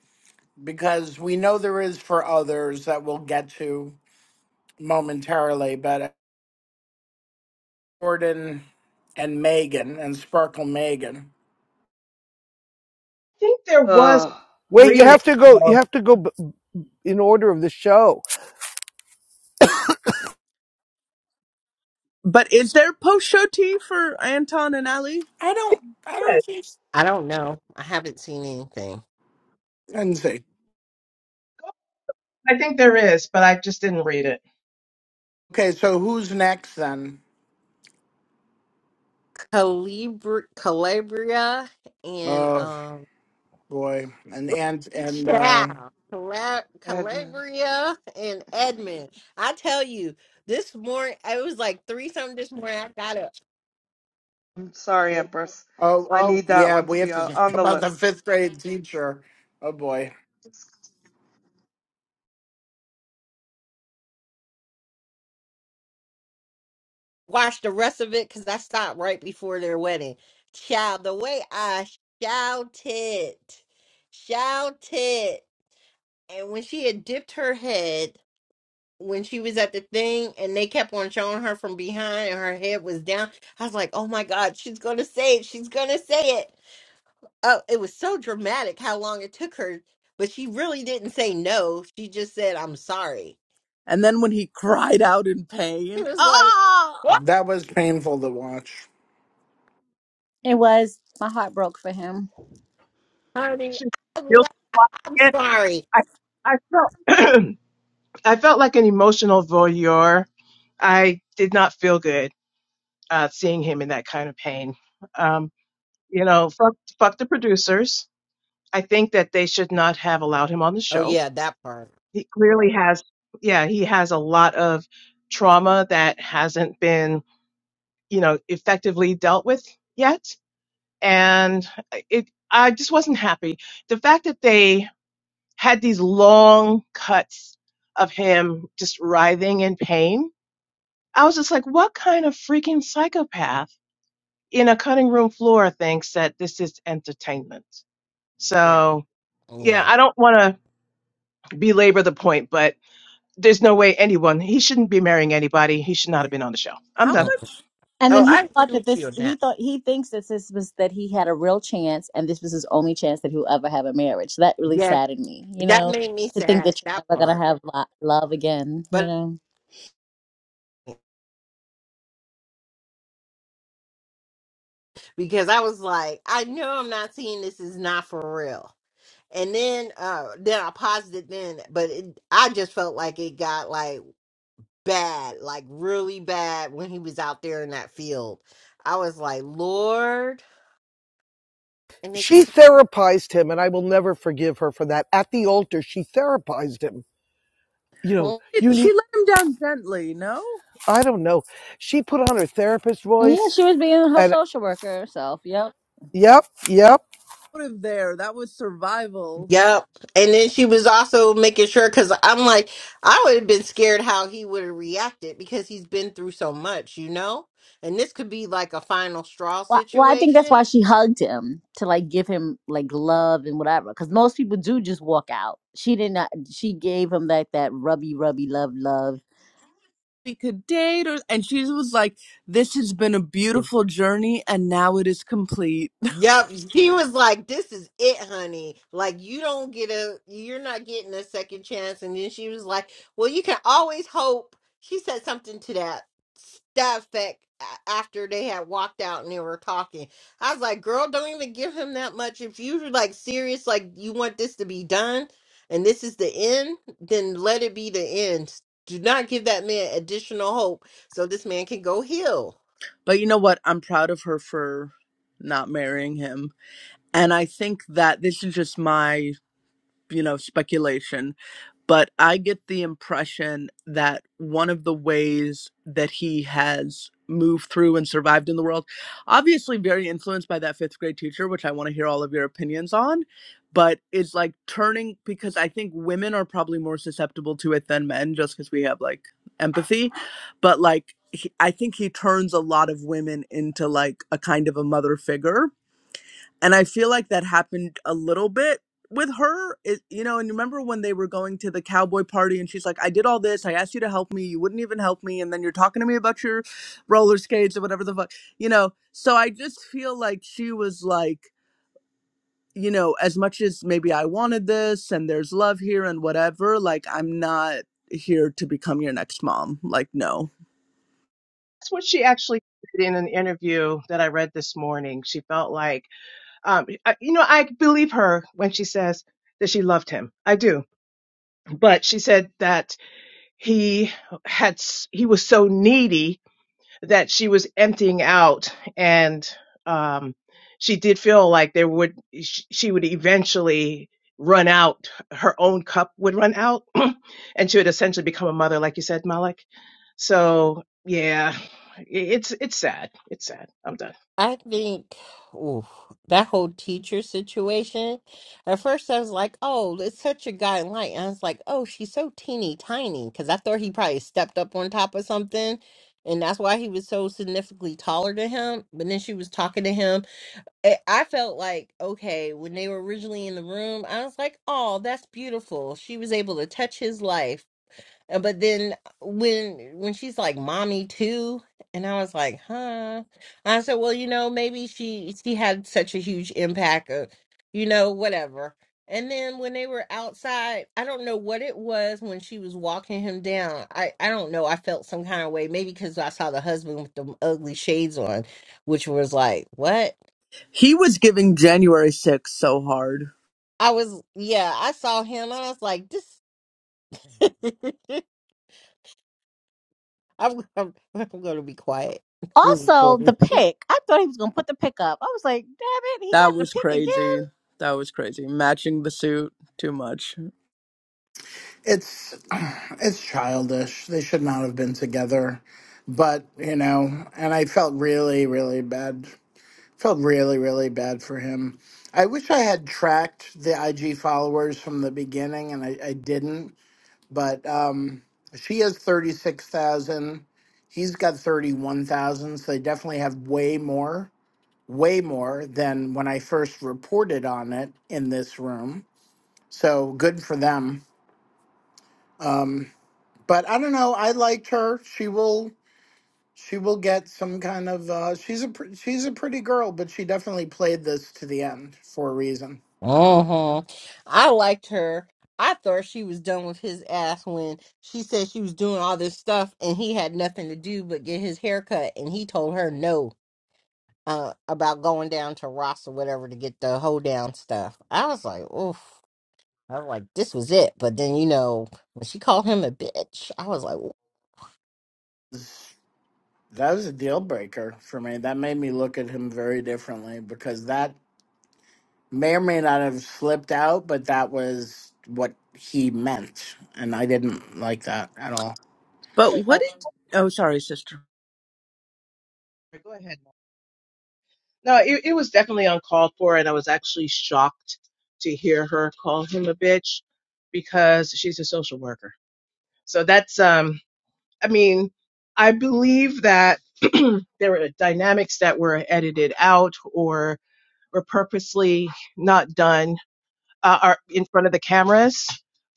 [SPEAKER 1] Because we know there is for others that we'll get to momentarily, but Jordan and Megan and Sparkle Megan.
[SPEAKER 7] think there was
[SPEAKER 8] Ugh.
[SPEAKER 3] Wait, you
[SPEAKER 7] reading.
[SPEAKER 3] have to go
[SPEAKER 7] though.
[SPEAKER 3] you have to go b- in order of the show.
[SPEAKER 2] But is there post show tea for Anton and Ali?
[SPEAKER 1] I don't I don't
[SPEAKER 7] Yes,
[SPEAKER 1] think
[SPEAKER 4] I don't know. I haven't seen anything.
[SPEAKER 1] I didn't see.
[SPEAKER 7] I think there is, but I just didn't read it.
[SPEAKER 1] Okay, so who's next then?
[SPEAKER 4] Calibri- Calabria and
[SPEAKER 1] Oh
[SPEAKER 4] um
[SPEAKER 1] boy. And and and uh
[SPEAKER 4] Ciao. Cala-
[SPEAKER 8] Edmund.
[SPEAKER 4] Calabria and
[SPEAKER 8] Mm.
[SPEAKER 4] Edmund. I tell you, this morning, it was like three something this morning. I got to
[SPEAKER 8] I'm sorry, Empress.
[SPEAKER 1] Oh,
[SPEAKER 8] I
[SPEAKER 1] oh,
[SPEAKER 8] need that
[SPEAKER 1] yeah.
[SPEAKER 8] one to
[SPEAKER 1] We have
[SPEAKER 8] be
[SPEAKER 1] to *laughs*
[SPEAKER 8] on,
[SPEAKER 1] talk
[SPEAKER 8] on the
[SPEAKER 1] about the
[SPEAKER 8] list.
[SPEAKER 1] fifth grade teacher. Oh boy,
[SPEAKER 4] watch the rest of it because I stopped right before their wedding. Child, the way I shouted, shouted. And when she had dipped her head, when she was at the thing and they kept on showing her from behind and her head was down, I was like, oh my God, she's going to say it. She's going to say it. Oh, it was so dramatic how long it took her, but she really didn't say no. She just said, I'm sorry.
[SPEAKER 2] And then when he cried out in
[SPEAKER 4] It
[SPEAKER 2] pain,
[SPEAKER 4] was like,
[SPEAKER 2] ah!
[SPEAKER 4] What,
[SPEAKER 1] that was painful to watch.
[SPEAKER 6] It was. My heart broke for him.
[SPEAKER 4] honey?
[SPEAKER 7] Should-
[SPEAKER 4] I'm,
[SPEAKER 7] You'll watch
[SPEAKER 4] I'm
[SPEAKER 7] it.
[SPEAKER 4] sorry.
[SPEAKER 7] I, I felt *clears throat* I felt like an emotional voyeur. I did not feel good uh, seeing him in that kind of pain. Um, you know, fuck, fuck the producers. I think that they should not have allowed him on the
[SPEAKER 4] Oh,
[SPEAKER 7] show.
[SPEAKER 4] yeah, that part.
[SPEAKER 7] He clearly has, yeah, he has a lot of trauma that hasn't been you know, effectively dealt with yet. And it, I just wasn't happy. The fact that they had these long cuts of him just writhing in pain, I was just like, what kind of freaking psychopath in a cutting room floor thinks that this is entertainment?
[SPEAKER 4] Yeah.
[SPEAKER 7] So, yeah,
[SPEAKER 4] Yeah.
[SPEAKER 7] I don't want to belabor the point, but There's no way anyone, he shouldn't be marrying anybody. He should not have been on the show. I'm
[SPEAKER 2] How
[SPEAKER 7] done.
[SPEAKER 4] Mm.
[SPEAKER 2] much
[SPEAKER 6] And
[SPEAKER 4] Oh,
[SPEAKER 6] then he
[SPEAKER 4] I
[SPEAKER 6] thought
[SPEAKER 4] agree
[SPEAKER 6] that
[SPEAKER 4] with you
[SPEAKER 6] this,
[SPEAKER 4] on
[SPEAKER 6] he
[SPEAKER 4] that.
[SPEAKER 6] thought, he thinks that this was that he had a real chance and this was his only chance that he'll ever have a marriage. So that really
[SPEAKER 4] Yes.
[SPEAKER 6] saddened me, you
[SPEAKER 4] That
[SPEAKER 6] know,
[SPEAKER 4] made me
[SPEAKER 6] to think
[SPEAKER 4] sad,
[SPEAKER 6] that you're
[SPEAKER 4] that
[SPEAKER 6] never going
[SPEAKER 4] part.
[SPEAKER 6] to have lo- love again, you
[SPEAKER 4] But
[SPEAKER 6] know.
[SPEAKER 4] *laughs* because I was like, I know I'm not seeing this is not for real. And then uh then I paused it then, but it, I just felt like it got like bad, like really bad when he was out there in that field. I was like, Lord. And they
[SPEAKER 3] she
[SPEAKER 4] kept
[SPEAKER 3] therapized him and i will never forgive her for that at the altar she therapized him you know
[SPEAKER 2] did
[SPEAKER 3] you
[SPEAKER 2] she
[SPEAKER 3] need
[SPEAKER 2] let him down gently? No?
[SPEAKER 3] i don't know she put on her therapist
[SPEAKER 6] And yeah,
[SPEAKER 3] voice
[SPEAKER 6] she was being her
[SPEAKER 3] and
[SPEAKER 6] social worker herself. Yep.
[SPEAKER 3] yep yep
[SPEAKER 2] Out of there. That was survival.
[SPEAKER 4] Yep. And then she was also making sure because I'm like, I would have been scared how he would have reacted because he's been through so much, you know? And this could be like a final straw
[SPEAKER 6] Well, well, I think that's
[SPEAKER 4] situation.
[SPEAKER 6] why she hugged him to like give him like love and whatever. Because most people do just walk out. She did not. She gave him like that rubby, rubby love, love.
[SPEAKER 2] We could date, or, and she was like, This has been a beautiful journey, and now it is complete.
[SPEAKER 4] Yep, he was like, "This is it, honey. Like you don't get a, you're not getting a second chance." And then she was like, "Well, you can always hope." She said something to that that effect a- after they had walked out and they were talking. I was like, "Girl, don't even give him that much. If you're like serious, like you want this to be done, and this is the end, then let it be the end. Do not give that man additional hope so this man can go heal."
[SPEAKER 2] But you know what? I'm proud of her for not marrying him. And I think that this is just my, you know, speculation, but I get the impression that one of the ways that he has moved through and survived in the world, obviously very influenced by that fifth grade teacher, which I want to hear all of your opinions on, but it's like turning because I think women are probably more susceptible to it than men just because we have like empathy. But like, he, I think he turns a lot of women into like a kind of a mother figure and I feel like that happened a little bit with her. It, you know, and remember when they were going to the cowboy party and she's like, I did all this. I asked you to help me. You wouldn't even help me. And then you're talking to me about your roller skates or whatever the fuck, you know. So I just feel like she was like, you know, as much as maybe I wanted this and there's love here and whatever, like, I'm not here to become your next mom. Like, no.
[SPEAKER 7] That's what she actually said in an interview that I read this morning. She felt like, um, I- you know, I believe her when she says that she loved him. I do. But she said that he had s- he was so needy that she was emptying out and um she did feel like there would sh- she would eventually run out her own cup would run out *clears throat* and she would essentially become a mother like you said Malik so yeah i- it's it's sad it's sad i'm done
[SPEAKER 4] I think oof, that whole teacher situation. At first, I was like, "Oh, it's such a guideline." And I was like, "Oh, she's so teeny tiny," because I thought he probably stepped up on top of something, and that's why he was so significantly taller than him. But then she was talking to him. I I felt like, okay, when they were originally in the room, I was like, "Oh, that's beautiful." She was able to touch his life uh, But then uh, when when she's like mommy too, and I was like, huh. I said, well, you know, maybe she she had such a huge impact of, you know, whatever. And then when they were outside, I don't know what it was when she was walking him down. I I don't know. I felt some kind of way, maybe because I saw the husband with the ugly shades on, which was like, what?
[SPEAKER 2] He was giving January sixth so hard.
[SPEAKER 4] I was yeah, I saw him and I was like, this. *laughs* I'm I'm, I'm gonna be quiet.
[SPEAKER 6] Also,
[SPEAKER 4] *laughs*
[SPEAKER 6] the pick. I thought he was gonna put the pick up. I was like, damn it, he
[SPEAKER 2] That
[SPEAKER 6] got the
[SPEAKER 2] was
[SPEAKER 6] pick again.
[SPEAKER 2] crazy. That was crazy. Matching the suit, too much.
[SPEAKER 1] It's *sighs* it's childish. They should not have been together. But you know, and I felt really, really bad Felt really, really bad for him. I wish I had tracked the IG followers from the beginning, and I, I didn't. But um, she has 36,000. He's got 31,000. So they definitely have way more, way more than when I first reported on it in this room. So good for them. Um, but I don't know. I liked her. She will. She will get some kind of. Uh, she's a. pr- She's a pretty girl, but she definitely played this to the end for a reason.
[SPEAKER 4] hmm I liked her. I thought she was done with his ass when she said she was doing all this stuff and he had nothing to do but get his hair cut and he told her no uh, about going down to Ross or whatever to get the hoedown stuff. I was like, oof. I was like, this was it. But then, you know, when she called him a bitch, I was like,
[SPEAKER 1] That was a deal breaker for me. That made me look at him very differently because that may or may not have slipped out, but that was what he meant. And I didn't like that at all.
[SPEAKER 2] But what
[SPEAKER 7] Definitely
[SPEAKER 2] did? Oh, sorry, sister.
[SPEAKER 7] Go ahead. No, it, it was definitely uncalled for, and I was actually shocked to hear her call him a bitch because she's a social worker. So that's, um, I mean, I believe that *clears throat* there were dynamics that were edited out or were purposely not done uh, are in front of the cameras,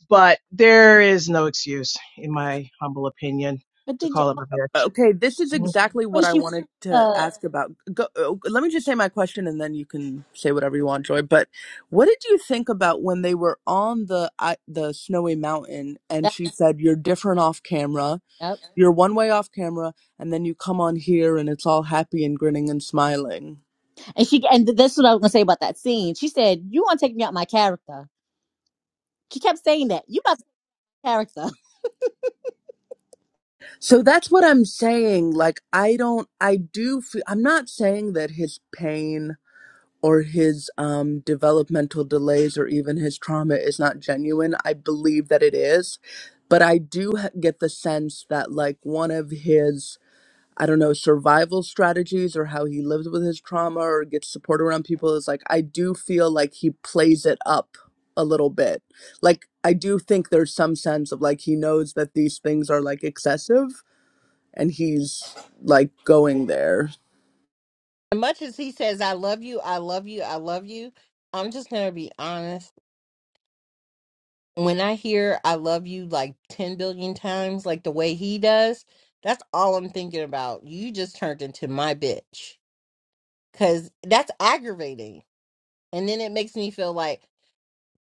[SPEAKER 7] but there is no excuse, in my humble opinion,
[SPEAKER 6] But
[SPEAKER 7] to
[SPEAKER 6] did you
[SPEAKER 7] call him
[SPEAKER 6] oh,
[SPEAKER 7] a bitch.
[SPEAKER 2] Okay, this is
[SPEAKER 7] Mhm.
[SPEAKER 2] exactly
[SPEAKER 6] when
[SPEAKER 2] what I
[SPEAKER 6] she
[SPEAKER 2] wanted to
[SPEAKER 6] uh
[SPEAKER 2] ask about. Go, oh, let me just say my question, and then you can say whatever you want, Joy. But what did you think about when they were on the I the snowy mountain, and
[SPEAKER 6] that
[SPEAKER 2] she said, "You're different off camera.
[SPEAKER 6] yep.
[SPEAKER 2] You're one way off camera, and then you come on here, and it's all happy and grinning and smiling."
[SPEAKER 6] and she and this is what I was gonna say about that scene. She said, You wanna take me out my character. She kept saying that. You about to take my character.
[SPEAKER 2] So that's what I'm saying. Like, I don't, I do, feel. I'm not saying that his pain or his um, developmental delays or even his trauma is not genuine. I believe that it is. But I do ha- get the sense that, like, one of his, I don't know, survival strategies or how he lives with his trauma or gets support around people is like, I do feel like he plays it up a little bit. Like, I do think there's some sense of like he knows that these things are like excessive and he's like going there.
[SPEAKER 4] as much as he says, I love you, I love you, I love you, I'm just going to be honest. when I hear I love you like 10 billion times, like the way he does, that's all I'm thinking about. You just turned into my bitch. Cause that's aggravating. And then it makes me feel like,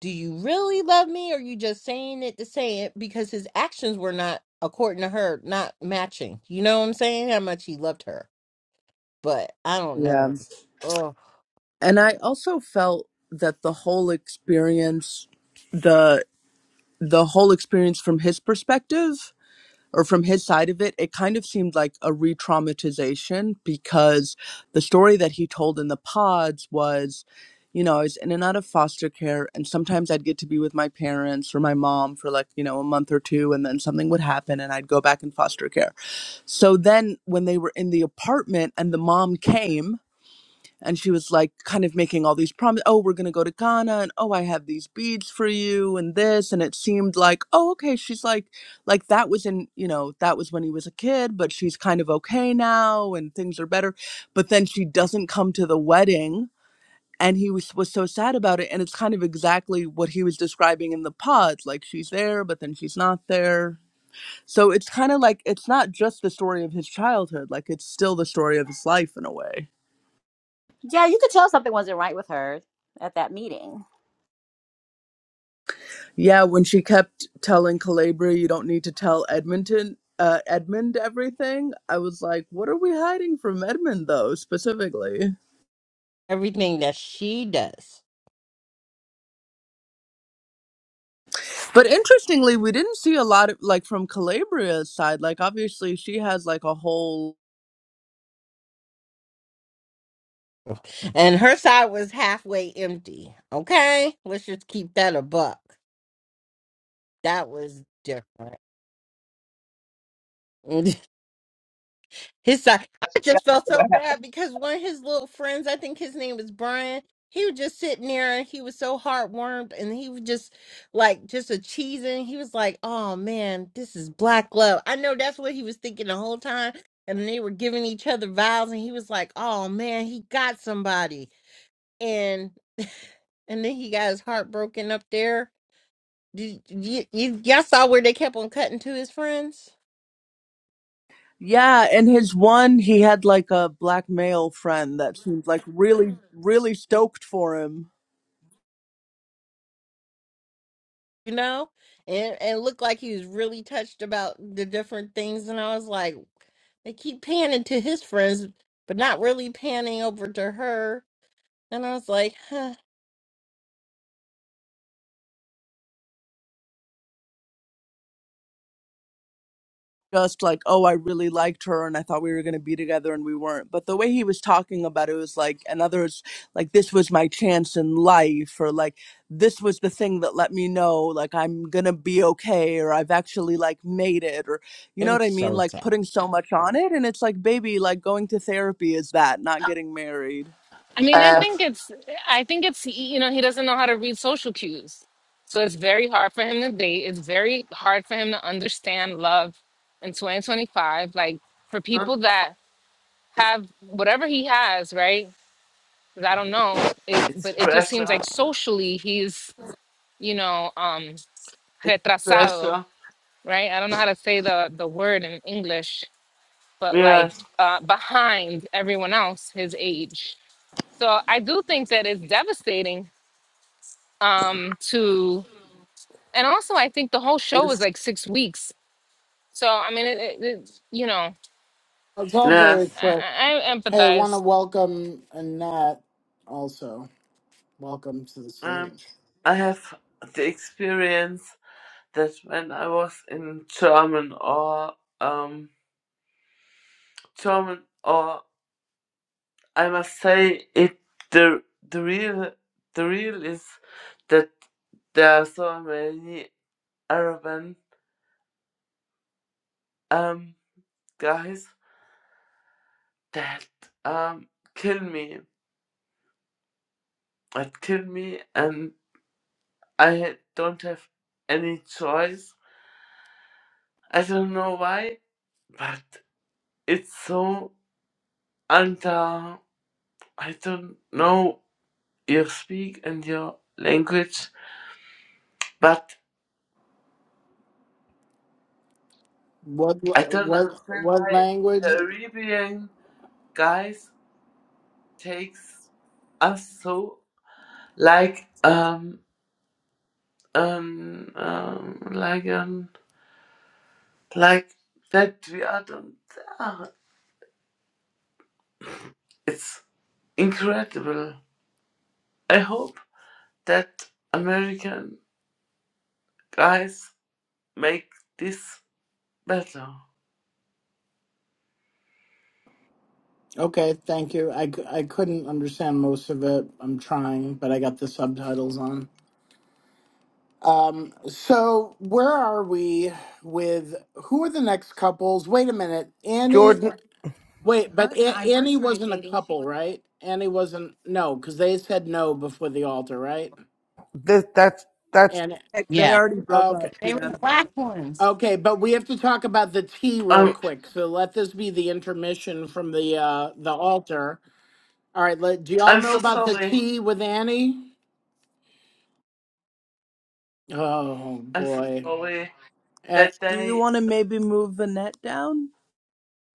[SPEAKER 4] do you really love me or you just saying it to say it? Because his actions were not, according to her, not matching. You know what I'm saying? How much he loved her. But I don't
[SPEAKER 2] Yeah.
[SPEAKER 4] know. Oh,
[SPEAKER 2] And I also felt that the whole experience the the whole experience from his perspective or from his side of it, it kind of seemed like a re-traumatization because the story that he told in the pods was you know, I was in and out of foster care, and sometimes I'd get to be with my parents or my mom for like, you know, a month or two, and then something would happen, and I'd go back in foster care So then, when they were in the apartment and the mom came and she was like, kind of making all these promises oh, we're going to go to Ghana and oh, I have these beads for you and this. And it seemed like, oh, okay. She's like, like that was in, you know, that was when he was a kid, but she's kind of okay now and things are better. But then she doesn't come to the wedding. And he was, was so sad about it. And it's kind of exactly what he was describing in the pod. Like she's there, but then she's not there. So it's kind of like it's not just the story of his childhood, like it's still the story of his life in a way.
[SPEAKER 6] *laughs* Yeah, you could tell something wasn't right with her at that meeting.
[SPEAKER 2] Yeah, when she kept telling Calabria you don't need to tell Edmonton uh Edmund everything, I was like, what are we hiding from Edmund though, specifically?
[SPEAKER 4] everything that she does.
[SPEAKER 2] But interestingly, we didn't see a lot of like from Calabria's side. Like obviously she has like a whole
[SPEAKER 4] And her side was halfway empty. Okay? Let's just keep that a buck. That was different. *laughs* His side, I just felt so bad because one of his little friends, I think his name was Brian, he was just sitting there and he was so heartwarmed and he was just like just a cheesing. He was like, Oh man, this is black love. I know that's what he was thinking the whole time. And they were giving each other vows and he was like, Oh man, he got somebody. And and then he got his heart broken up there. Did you, you y'all saw where they kept on cutting to his friends?
[SPEAKER 2] yeah, and his one, he had like a black male friend that seemed like really, really stoked for him.
[SPEAKER 4] you know, and and looked like he was really touched about the different things. And I was like, they keep panning to his friends, but not really panning over to her. And I was like, huh.
[SPEAKER 2] just like, oh, I really liked her and I thought we were going to be together and we weren't. But the way he was talking about it was like, and others, like, this was my chance in life, or like, this was the thing that let me know, like, I'm going to be okay, or I've actually like made it, or you
[SPEAKER 4] It
[SPEAKER 2] know what
[SPEAKER 4] was
[SPEAKER 2] I mean?
[SPEAKER 4] so
[SPEAKER 2] Like,
[SPEAKER 4] sad.
[SPEAKER 2] putting so much on it. And it's like, baby, like, going to therapy is that, not getting married.
[SPEAKER 5] I mean, I
[SPEAKER 9] Uh,
[SPEAKER 5] think it's I think it's you know, he doesn't know how to read social cues. So it's very hard for him to date. It's very hard for him to understand love in 2025. Like for people that
[SPEAKER 9] it's,
[SPEAKER 5] have whatever he has, right? 'Cause I don't know. It
[SPEAKER 9] it's
[SPEAKER 5] but it just seems
[SPEAKER 9] pressure.
[SPEAKER 5] like socially he's, you know, um
[SPEAKER 9] It's
[SPEAKER 5] retrasado
[SPEAKER 9] pressure.
[SPEAKER 5] right? I don't know how to say the the word in English, but like
[SPEAKER 9] Yes.
[SPEAKER 5] uh, behind everyone else his age. So I do think that it's devastating um, to, and also I think the whole show was
[SPEAKER 9] Yes.
[SPEAKER 5] like six weeks. So I mean, it, it, it, you know,
[SPEAKER 1] It's all very
[SPEAKER 9] Yes.
[SPEAKER 5] I,
[SPEAKER 1] quick.
[SPEAKER 5] I I
[SPEAKER 1] Hey, I want to
[SPEAKER 5] empathize.
[SPEAKER 1] welcome Annette also. Welcome to the
[SPEAKER 9] Um,
[SPEAKER 1] stage.
[SPEAKER 9] I have the experience that when I was in German or um German or I must say it the the real the real is that there are so many Arabian um guys that um kill me that kill me and. I don't have any choice. I don't know why, but it's so under. I don't know your speak and your language, but
[SPEAKER 1] What
[SPEAKER 9] I don't
[SPEAKER 1] what
[SPEAKER 9] understand
[SPEAKER 1] what
[SPEAKER 9] why the
[SPEAKER 1] language?
[SPEAKER 9] Arabian guys takes us so like um um um like um like that we are don't. ah, It's incredible. I hope that American guys make this better.
[SPEAKER 1] Okay, thank you. I, c- I couldn't understand most of it. I'm trying, but I got the subtitles on. Um, so where are we with who are the next couples? Wait a minute, Annie.
[SPEAKER 3] jordan
[SPEAKER 1] Wait, but A- Annie wasn't a couple, right? Annie wasn't. No, because they said no before the altar, right?
[SPEAKER 3] this, that's that's
[SPEAKER 1] And
[SPEAKER 2] Heck, they
[SPEAKER 4] Yeah,
[SPEAKER 2] already broke
[SPEAKER 1] okay,
[SPEAKER 2] up.
[SPEAKER 4] they were
[SPEAKER 2] Yeah.
[SPEAKER 4] the black ones.
[SPEAKER 1] okay, but we have to talk about the tea real
[SPEAKER 9] I'm
[SPEAKER 1] quick. So let this be the intermission from the uh the altar. All right, let, do y'all
[SPEAKER 9] I'm
[SPEAKER 1] know
[SPEAKER 9] so
[SPEAKER 1] about the
[SPEAKER 9] sorry.
[SPEAKER 1] tea with Annie? Oh
[SPEAKER 9] I'm so
[SPEAKER 1] boy.
[SPEAKER 9] sorry
[SPEAKER 1] Eh,
[SPEAKER 9] that
[SPEAKER 2] Do you
[SPEAKER 9] I
[SPEAKER 2] want to maybe move Vanette down?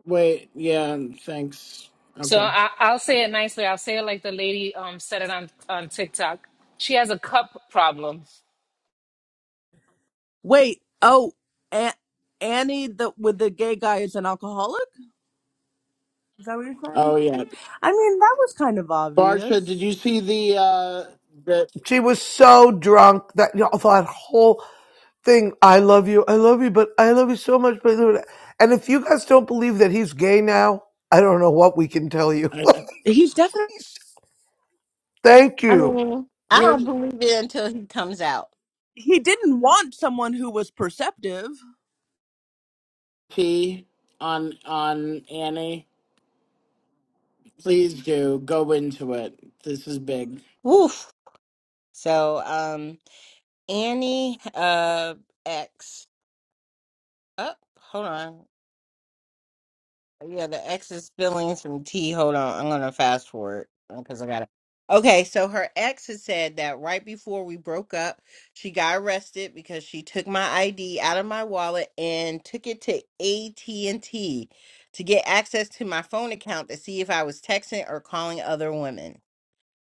[SPEAKER 1] wait, yeah, thanks.
[SPEAKER 5] So
[SPEAKER 1] Okay.
[SPEAKER 5] I, I'll say it nicely. I'll say it like the lady um, said it on on TikTok. She has a cup problem.
[SPEAKER 2] Wait. Oh, A- Annie, the with the gay guy, is an alcoholic. Is that what you're
[SPEAKER 1] Oh
[SPEAKER 2] saying?
[SPEAKER 1] yeah.
[SPEAKER 2] I mean, that was kind of
[SPEAKER 1] Barsha, did
[SPEAKER 2] obvious.
[SPEAKER 1] you see the uh the
[SPEAKER 3] she was so drunk that you know, that whole thing i love you i love you but i love you so much but and if you guys don't believe that he's gay now i don't know what we can tell you
[SPEAKER 1] I know.
[SPEAKER 2] He's definitely
[SPEAKER 3] *laughs* thank
[SPEAKER 4] I
[SPEAKER 3] you
[SPEAKER 4] mean, I don't
[SPEAKER 1] here's
[SPEAKER 4] believe it until he comes out.
[SPEAKER 2] he didn't want someone who was perceptive.
[SPEAKER 1] T on on Annie? Please do go into it. This is big.
[SPEAKER 4] Woof. So, um, Annie, uh, X. Oh, hold on. Yeah, the ex's feelings from T. Hold on, I'm gonna fast forward because I got to Okay, so her ex had said that right before we broke up, she got arrested because she took my ID out of my wallet and took it to AT&T to get access to my phone account to see if I was texting or calling other women.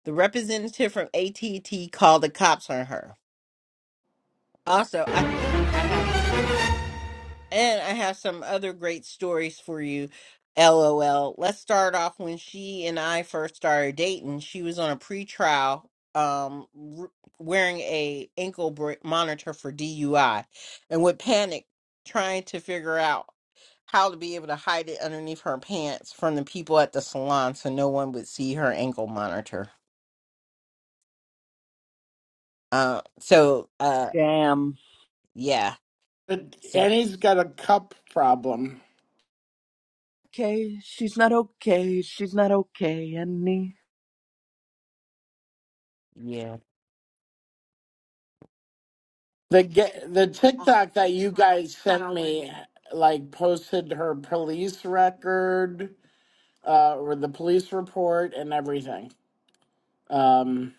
[SPEAKER 4] The representative from AT&T called the cops on her. Also, I think I have And I have some other great stories for you. LOL. Let's start off when she and I first started dating. She was on a pretrial, um, r- wearing a ankle br- monitor for DUI, and would panic trying to figure out how to be able to hide it underneath her pants from the people at the salon, so no one would see her ankle monitor. Uh, so uh,
[SPEAKER 2] Damn.
[SPEAKER 4] yeah.
[SPEAKER 1] But
[SPEAKER 4] So
[SPEAKER 1] Annie's got a cup problem.
[SPEAKER 2] Okay, she's not okay. She's not okay, Annie.
[SPEAKER 4] yeah,
[SPEAKER 1] The ge- the TikTok that you guys sent me like posted her police record uh or the police report and everything. Um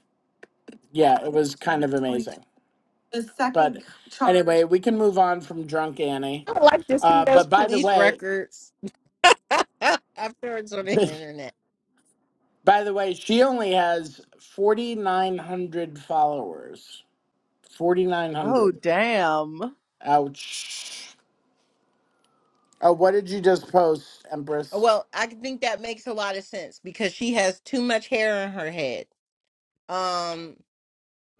[SPEAKER 1] yeah, it was kind of amazing. But anyway, we can move on from drunk Annie.
[SPEAKER 4] I would like to see
[SPEAKER 1] Uh,
[SPEAKER 4] those
[SPEAKER 1] but by the
[SPEAKER 4] police
[SPEAKER 1] way,
[SPEAKER 4] records. *laughs* I've heard on the
[SPEAKER 1] *laughs*
[SPEAKER 4] internet.
[SPEAKER 1] by the way, she only has 4,900 followers.
[SPEAKER 2] Oh
[SPEAKER 1] 4,900.
[SPEAKER 2] damn.
[SPEAKER 1] Ouch. Oh, what did you just post,
[SPEAKER 4] Uh,
[SPEAKER 1] Empress?
[SPEAKER 4] Well, I think that makes a lot of sense because she has too much hair in her head. Um,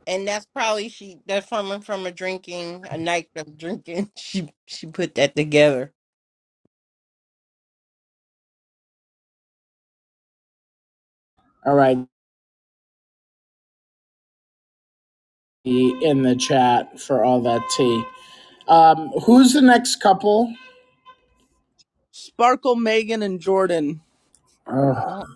[SPEAKER 4] and that's probably she that's from from a drinking a night of drinking. *laughs* She she put that together.
[SPEAKER 1] All right, in the chat for all that tea. Um, who's the next couple?
[SPEAKER 2] Sparkle, Megan, and Jordan.
[SPEAKER 1] Ugh.
[SPEAKER 4] Oh.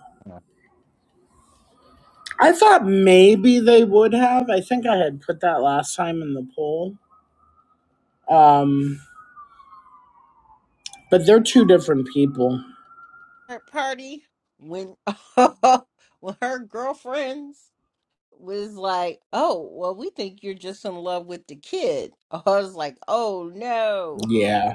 [SPEAKER 1] I thought maybe they would have. I think I had put that last time in the poll. Um, but they're two different people.
[SPEAKER 4] Her party when *laughs* when her girlfriends was like, "Oh, well, we think you're just in love with the kid." *laughs* I was like, "Oh no."
[SPEAKER 1] Yeah.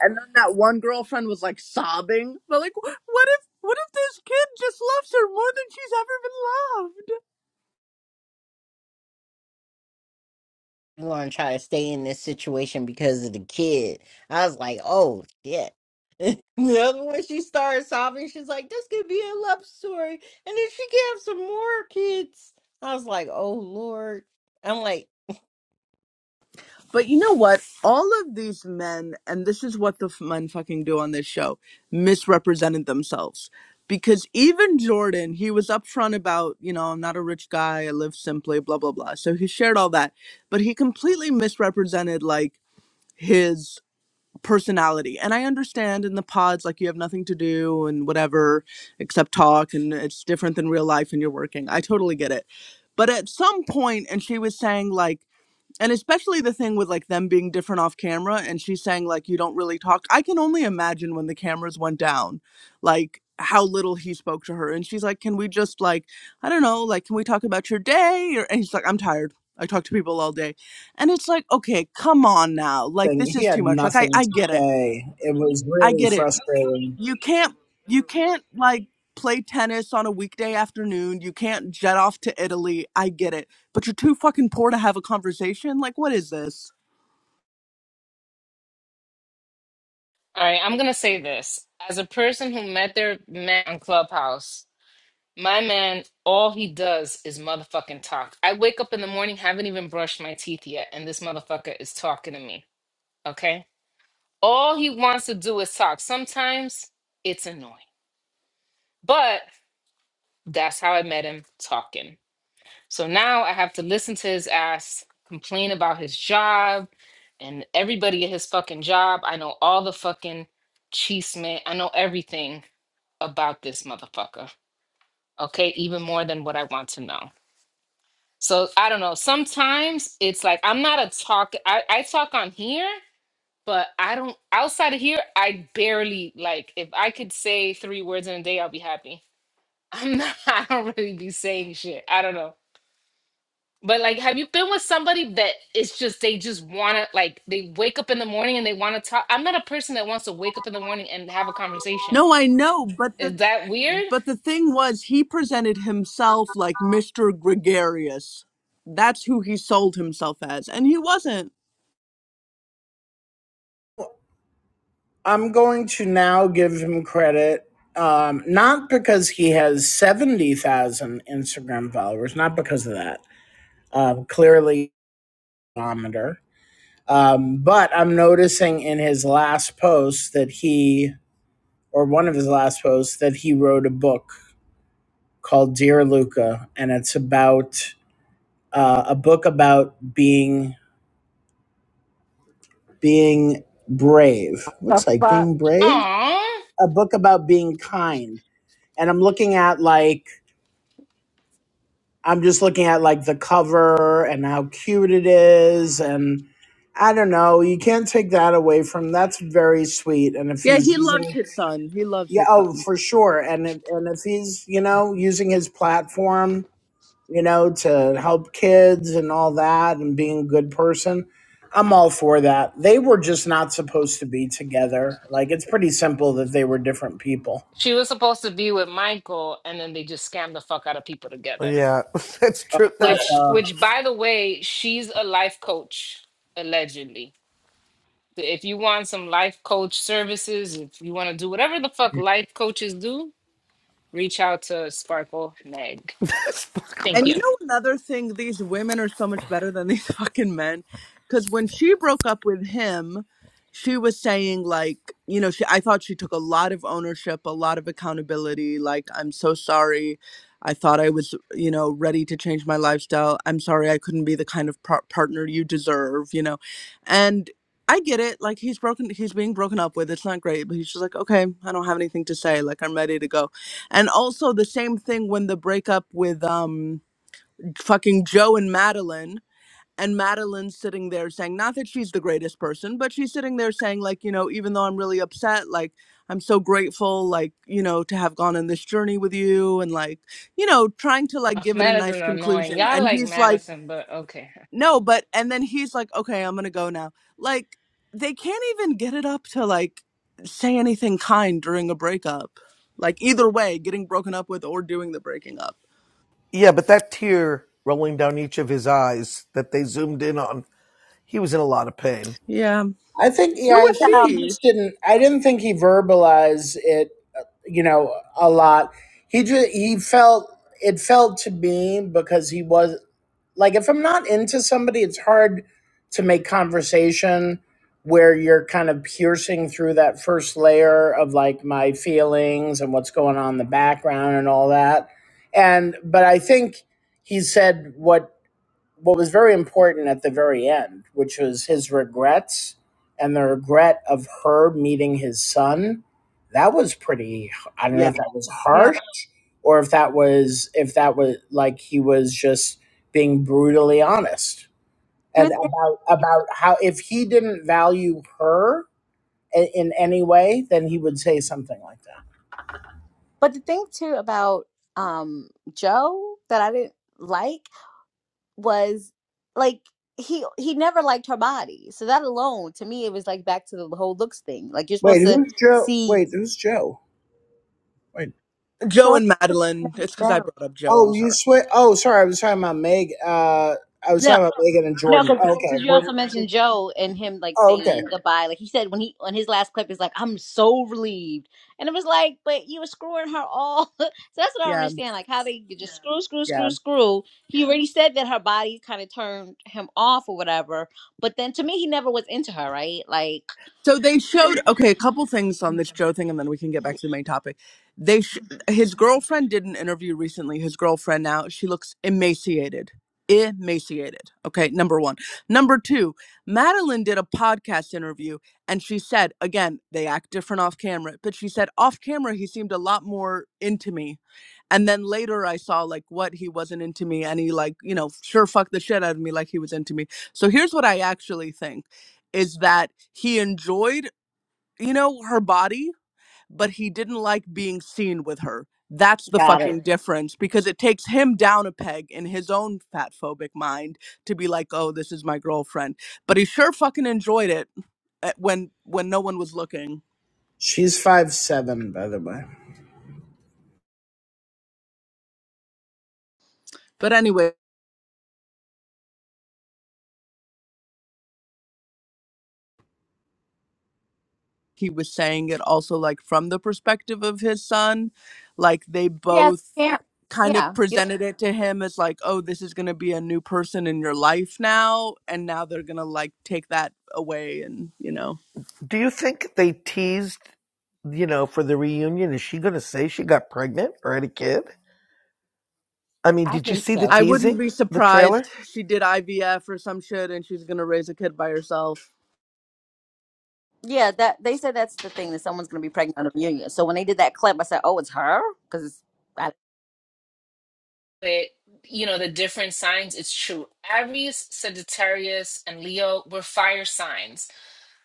[SPEAKER 2] And then that one girlfriend was like sobbing. But like, what if what if this kid just loves her more than she's ever been loved?
[SPEAKER 4] want to try to stay in this situation because of the kid. I was like, oh shit. *laughs* you know, when she started sobbing, she's like, this could be a love story. And then she could have some more kids. I was like, oh Lord. I'm like,
[SPEAKER 2] But you know what? All of these men, and this is what the f- men fucking do on this show, misrepresented themselves. Because even Jordan, he was upfront about, you know, I'm not a rich guy, I live simply, blah, blah, blah. So he shared all that. But he completely misrepresented, like, his personality. And I understand in the pods, like, you have nothing to do and whatever except talk, and it's different than real life and you're working. I totally get it. But at some point, and she was saying, like, and especially the thing with like them being different off camera and she's saying like you don't really talk i can only imagine when the cameras went down like how little he spoke to her and she's like can we just like i don't know like can we talk about your day or and he's like i'm tired i talk to people all day and it's like okay come on now like
[SPEAKER 1] nothing.
[SPEAKER 2] this
[SPEAKER 1] He
[SPEAKER 2] is too
[SPEAKER 1] had
[SPEAKER 2] much like i
[SPEAKER 1] nothing
[SPEAKER 2] i
[SPEAKER 1] to
[SPEAKER 2] get it
[SPEAKER 1] say. It was
[SPEAKER 2] i
[SPEAKER 1] really
[SPEAKER 2] get it
[SPEAKER 1] frustrating.
[SPEAKER 2] you can't you can't like play tennis on a weekday afternoon you can't jet off to italy i get it but you're too fucking poor to have a conversation like what is this
[SPEAKER 5] All right, I'm gonna say this as a person who met their man on Clubhouse. My man, all he does is motherfucking talk. I wake up in the morning, haven't even brushed my teeth yet, and this motherfucker is talking to me. Okay? All he wants to do is talk. Sometimes it's annoying, but that's how I met him talking. So now I have to listen to his ass complain about his job and everybody at his fucking job. I know all the fucking chisme. I know everything about this motherfucker. Okay? Even more than what I want to know. So I don't know. Sometimes it's like I'm not a talk. I, I talk on here, but I don't outside of here. I barely like. If I could say three words in a day, I'll be happy. I'm not. *laughs* I don't really be saying shit. I don't know. But like, have you been with somebody that it's just they just wanna like they wake up in the morning and they wanna talk? I'm not a person that wants to wake up in the morning and have a conversation.
[SPEAKER 2] No, I know, but the
[SPEAKER 5] Is that weird?
[SPEAKER 2] but the thing was he presented himself like Mr. Gregarious. That's who he sold himself as, and he wasn't.
[SPEAKER 1] I'm going to now give him credit, um, not because he has seventy thousand Instagram followers, not because of that. Um, clearly, Um, but I'm noticing in his last post that he, or one of his last posts, that he wrote a book called Dear Luca, and it's about uh, a book about being being brave. Looks like
[SPEAKER 4] but
[SPEAKER 1] being brave
[SPEAKER 5] Aww.
[SPEAKER 1] a book about being kind and i'm looking at like i'm just looking at like the cover and how cute it is and i don't know you can't take that away from that's very sweet and if
[SPEAKER 2] Yeah,
[SPEAKER 1] he's
[SPEAKER 2] he loved
[SPEAKER 1] using
[SPEAKER 2] his son. He loves
[SPEAKER 1] yeah
[SPEAKER 2] his son.
[SPEAKER 1] oh for sure and if, and if he's you know using his platform you know to help kids and all that and being a good person i'm all for that they were just not supposed to be together like it's pretty simple that they were different people
[SPEAKER 5] She was supposed to be with Michael, and then they just scammed the fuck out of people together.
[SPEAKER 3] yeah *laughs* that's true
[SPEAKER 1] I,
[SPEAKER 3] that's
[SPEAKER 5] which
[SPEAKER 1] uh,
[SPEAKER 5] which by the way she's a life coach allegedly so if you want some life coach services if you want to do whatever the fuck life coaches do reach out to sparkle meg
[SPEAKER 3] *laughs*
[SPEAKER 5] thank
[SPEAKER 3] that's
[SPEAKER 2] And you
[SPEAKER 5] you
[SPEAKER 2] know another thing, these women are so much better than these *laughs* fucking men. Because when she broke up with him, she was saying like, you know, she I thought she took a lot of ownership, a lot of accountability. Like, I'm so sorry. I thought I was, you know, ready to change my lifestyle. I'm sorry I couldn't be the kind of par- partner you deserve, you know. And I get it. Like he's broken, he's being broken up with. It's not great, but he's just like, okay, I don't have anything to say. Like I'm ready to go. And also the same thing when the breakup with um fucking Joe and Madeline. And Madeline's sitting there saying, not that she's the greatest person, but she's sitting there saying, like, you know, even though I'm really upset, like, I'm so grateful, like, you know, to have gone on this journey with you and, like, you know, trying to, like,
[SPEAKER 5] Ugh,
[SPEAKER 2] give it a nice
[SPEAKER 5] madison annoying
[SPEAKER 2] conclusion.
[SPEAKER 5] y'all
[SPEAKER 2] And
[SPEAKER 5] like
[SPEAKER 2] he's like,
[SPEAKER 5] madison but okay
[SPEAKER 2] no, but, and then he's like, okay, I'm going to go now. Like, they can't even get it up to, like, say anything kind during a breakup. Like, either way, getting broken up with or doing the breaking up.
[SPEAKER 3] Yeah, but that tear rolling down each of his eyes that they zoomed in on, he was in a lot of pain.
[SPEAKER 2] Yeah.
[SPEAKER 1] I think yeah,
[SPEAKER 2] who
[SPEAKER 1] I
[SPEAKER 2] was
[SPEAKER 1] think
[SPEAKER 6] Well,
[SPEAKER 1] he
[SPEAKER 2] she?
[SPEAKER 1] just didn't I didn't think he verbalized it, you know, a lot. He just he felt it felt to me because he was like if I'm not into somebody, it's hard to make conversation where you're kind of piercing through that first layer of like my feelings and what's going on in the background and all that. And but I think he said what what was very important at the very end, which was his regrets and the regret of her meeting his son. That was pretty. I don't know if that was
[SPEAKER 6] yeah.
[SPEAKER 1] harsh or if that was if that was like he was just being brutally honest
[SPEAKER 6] He
[SPEAKER 1] and
[SPEAKER 6] was,
[SPEAKER 1] about about how if he didn't value her in, in any way, then he would say something like that.
[SPEAKER 6] but the thing too about um Joe that I didn't like was like he he never liked her body. So that alone to me it was like back to the whole looks thing. Like you're
[SPEAKER 1] Wait,
[SPEAKER 6] supposed to
[SPEAKER 1] who's Joe?
[SPEAKER 6] see
[SPEAKER 1] Wait, who's Joe? Wait.
[SPEAKER 2] Joe
[SPEAKER 6] Joe
[SPEAKER 2] and Madeline. It's because I brought up Joe.
[SPEAKER 1] Oh,
[SPEAKER 2] I'm
[SPEAKER 1] you
[SPEAKER 2] sorry.
[SPEAKER 1] swear? Oh, sorry. I was talking about Meg. Uh, I was
[SPEAKER 6] No.
[SPEAKER 1] talking about Megan and
[SPEAKER 6] No,
[SPEAKER 1] Jordan. Oh,
[SPEAKER 6] because
[SPEAKER 1] okay.
[SPEAKER 6] you
[SPEAKER 1] We're,
[SPEAKER 6] also mentioned Joe and him like
[SPEAKER 1] oh, okay.
[SPEAKER 6] saying goodbye. Like he said when he on his last clip, he's like, "I'm so relieved," and it was like, "But you were screwing her all." *laughs* so that's what I don't
[SPEAKER 2] Yeah,
[SPEAKER 6] understand, like how they could just screw, screw, screw,
[SPEAKER 2] yeah.
[SPEAKER 6] screw. He already said that her body kind of turned him off or whatever, but then to me, he never was into her, right? Like,
[SPEAKER 2] So they showed okay a couple things on this Joe thing, and then we can get back to the main topic. They sh- his girlfriend did an interview recently. His girlfriend now she looks emaciated, emaciated. Okay, number one. Number two, Madeline did a podcast interview, and she said again they act different off camera, but she said off camera he seemed a lot more into me And then later I saw like what he wasn't into me and he like, you know, sure fucked the shit out of me like he was into me. So here's what I actually think is that he enjoyed, you know, her body, but he didn't like being seen with her. That's the
[SPEAKER 6] Got
[SPEAKER 2] fucking
[SPEAKER 6] it.
[SPEAKER 2] difference because it takes him down a peg in his own fat phobic mind to be like, "Oh, this is my girlfriend." But he sure fucking enjoyed it uh, when when no one was looking.
[SPEAKER 1] She's five seven, by the way.
[SPEAKER 2] But anyway, he was saying it also like from the perspective of his son like they
[SPEAKER 6] Yeah, as
[SPEAKER 2] both
[SPEAKER 6] a parent.
[SPEAKER 2] kind
[SPEAKER 6] Yeah.
[SPEAKER 2] of
[SPEAKER 6] You don't
[SPEAKER 2] presented it to him as like oh this is going to be a new person in your life now and now they're going to like take that away and you know
[SPEAKER 3] Do you think they teased, you know, for the reunion? Is she going to say she got pregnant or had a kid? I mean,
[SPEAKER 4] I
[SPEAKER 3] did you
[SPEAKER 4] think
[SPEAKER 3] see the
[SPEAKER 4] so.
[SPEAKER 2] i wouldn't
[SPEAKER 3] teasing,
[SPEAKER 2] be
[SPEAKER 3] the trailer?
[SPEAKER 2] surprised she did ivf or some shit and she's going to raise a kid by herself
[SPEAKER 6] yeah, that they said that's the thing that someone's gonna be pregnant on a reunion. So when they did that clip, I said, "Oh, it's her," because it's.
[SPEAKER 5] but you know the different signs it's true aries sagittarius and leo were fire signs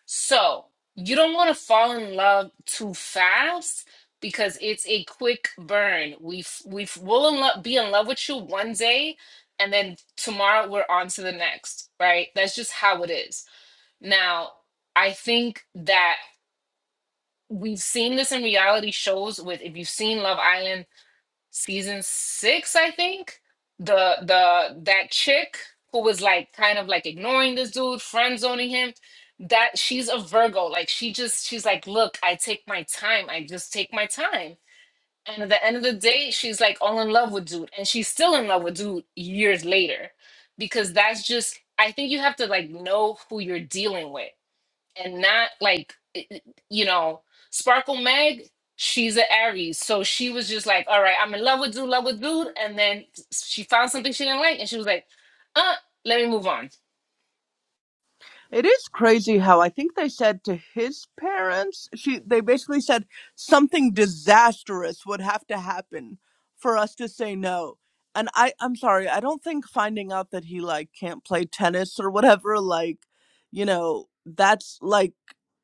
[SPEAKER 5] So you don't want to fall in love too fast because it's a quick burn. We we will in lo- be in love with you one day, and then tomorrow we're on to the next. Right? That's just how it is. Now, I think that we've seen this in reality shows. With if you've seen Love Island season six, I think. The the that chick who was like kind of like ignoring this dude, friend zoning him. That she's a Virgo. Like she just she's like, look, I take my time. I just take my time. And at the end of the day, she's like all in love with dude, and she's still in love with dude years later, because that's just I think you have to like know who you're dealing with and not like it- you know sparkle meg she's an aries so she was just like all right i'm in love with dude love with dude and then she found something she didn't like and she was like uh let me move on
[SPEAKER 2] It is crazy how I think they said to his parents, she they basically said something disastrous would have to happen for us to say no. And I I'm sorry, I don't think finding out that he like can't play tennis or whatever like, you know, that's like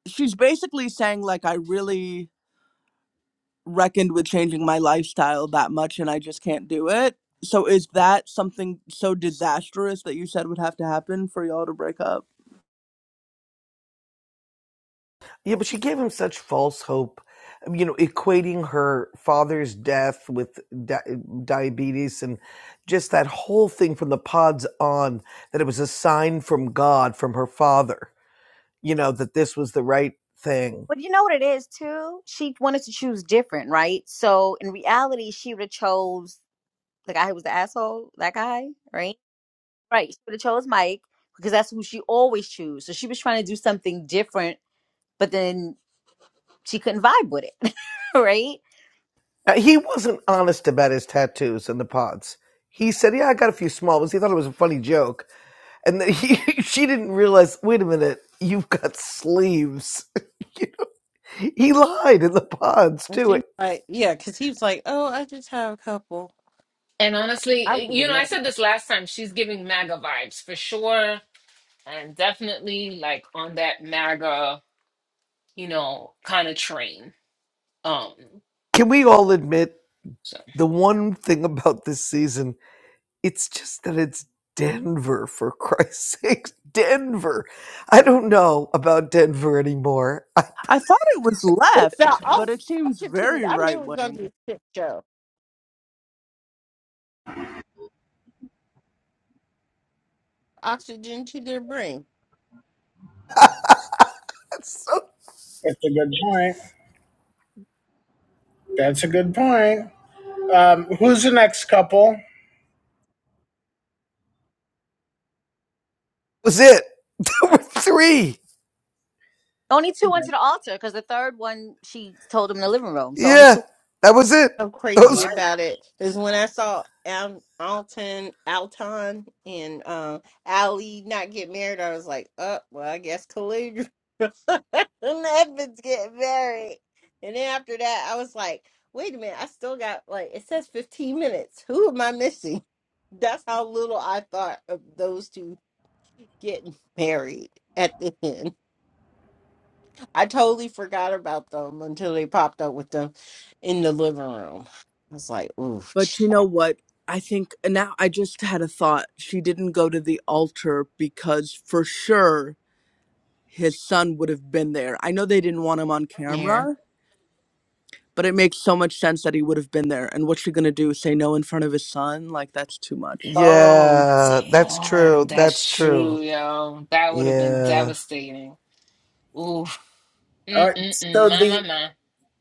[SPEAKER 2] she's basically saying like I really reckoned with changing my lifestyle that much and I just can't do it. So is that something so disastrous that you said would have to happen for y'all to break up?
[SPEAKER 3] Yeah, but she gave him such false hope. Um, You know, equating her father's death with di- diabetes and just that whole thing from the pods on that it was a sign from God, from her father. you know, that this was the right thing.
[SPEAKER 6] But you know what it is too? She wanted to choose different, right? So in reality, she would have chose the guy who was the asshole, that guy, right? Right. She would have chose Mike because that's who she always choose. So she was trying to do something different, but then she couldn't vibe with it, *laughs* right?
[SPEAKER 3] Uh, he wasn't honest about his tattoos and the pods. He said, "Yeah, I got a few small ones." He thought it was a funny joke, and then he, *laughs* she didn't realize. Wait a minute, you've got sleeves. *laughs* You know, he lied in the pods
[SPEAKER 4] And
[SPEAKER 3] too.
[SPEAKER 4] she's like, yeah, because he was like, oh, I just have a couple.
[SPEAKER 5] and honestly
[SPEAKER 4] I would
[SPEAKER 5] eh,
[SPEAKER 4] have
[SPEAKER 5] you
[SPEAKER 4] been
[SPEAKER 5] know i
[SPEAKER 4] mad.
[SPEAKER 5] said this last time she's giving maga vibes for sure and definitely like on that maga you know kind of train um
[SPEAKER 3] Can we all admit
[SPEAKER 5] so
[SPEAKER 3] the one thing about this season? It's just that it's Denver, for *laughs* Christ's sake. Denver. I don't know about Denver anymore. *laughs* I,
[SPEAKER 2] I thought it was
[SPEAKER 4] It's the
[SPEAKER 2] left, but it seems
[SPEAKER 4] altitude.
[SPEAKER 2] very
[SPEAKER 4] I knew it
[SPEAKER 2] right
[SPEAKER 4] was going to be
[SPEAKER 2] wing.
[SPEAKER 4] a shit show. Oxygen to their brain.
[SPEAKER 3] that's so, that
[SPEAKER 1] That's a good point. That's a good point. Um, who's the next couple?
[SPEAKER 3] was it. *laughs* There were three.
[SPEAKER 6] Only two went to the
[SPEAKER 1] Right.
[SPEAKER 6] altar because the third one she told him in the living room. So only
[SPEAKER 3] Yeah,
[SPEAKER 6] two.
[SPEAKER 3] that was it.
[SPEAKER 4] so crazy
[SPEAKER 3] Those.
[SPEAKER 4] about it is when I saw Al- Alton, Alton, and uh, Ali not get married, I was like, oh, well, I guess Khalid *laughs* and Evans get married. And then after that, I was like, wait a minute, I still got, like, it says 15 minutes. Who am I missing? *laughs* That's how little I thought of those two getting married at the end. I totally forgot about them until they popped up with them in the living room. I was like, ooh,
[SPEAKER 2] But you know what? I think now I just had a thought. She didn't go to the altar because for sure his son would have been there. I know they didn't want him on
[SPEAKER 4] there.
[SPEAKER 2] camera, but it makes so much sense that he would have been there. And what's she going to do? Say no in front of his son? Like, that's too much.
[SPEAKER 5] oh
[SPEAKER 3] Yeah, that's true.
[SPEAKER 5] damn
[SPEAKER 3] That's
[SPEAKER 5] that's
[SPEAKER 3] true.
[SPEAKER 5] true yo that would have been
[SPEAKER 3] Yeah.
[SPEAKER 5] devastating Oof.
[SPEAKER 1] All right.
[SPEAKER 5] Mm-mm-mm.
[SPEAKER 1] So
[SPEAKER 5] My, my,
[SPEAKER 1] the
[SPEAKER 5] my.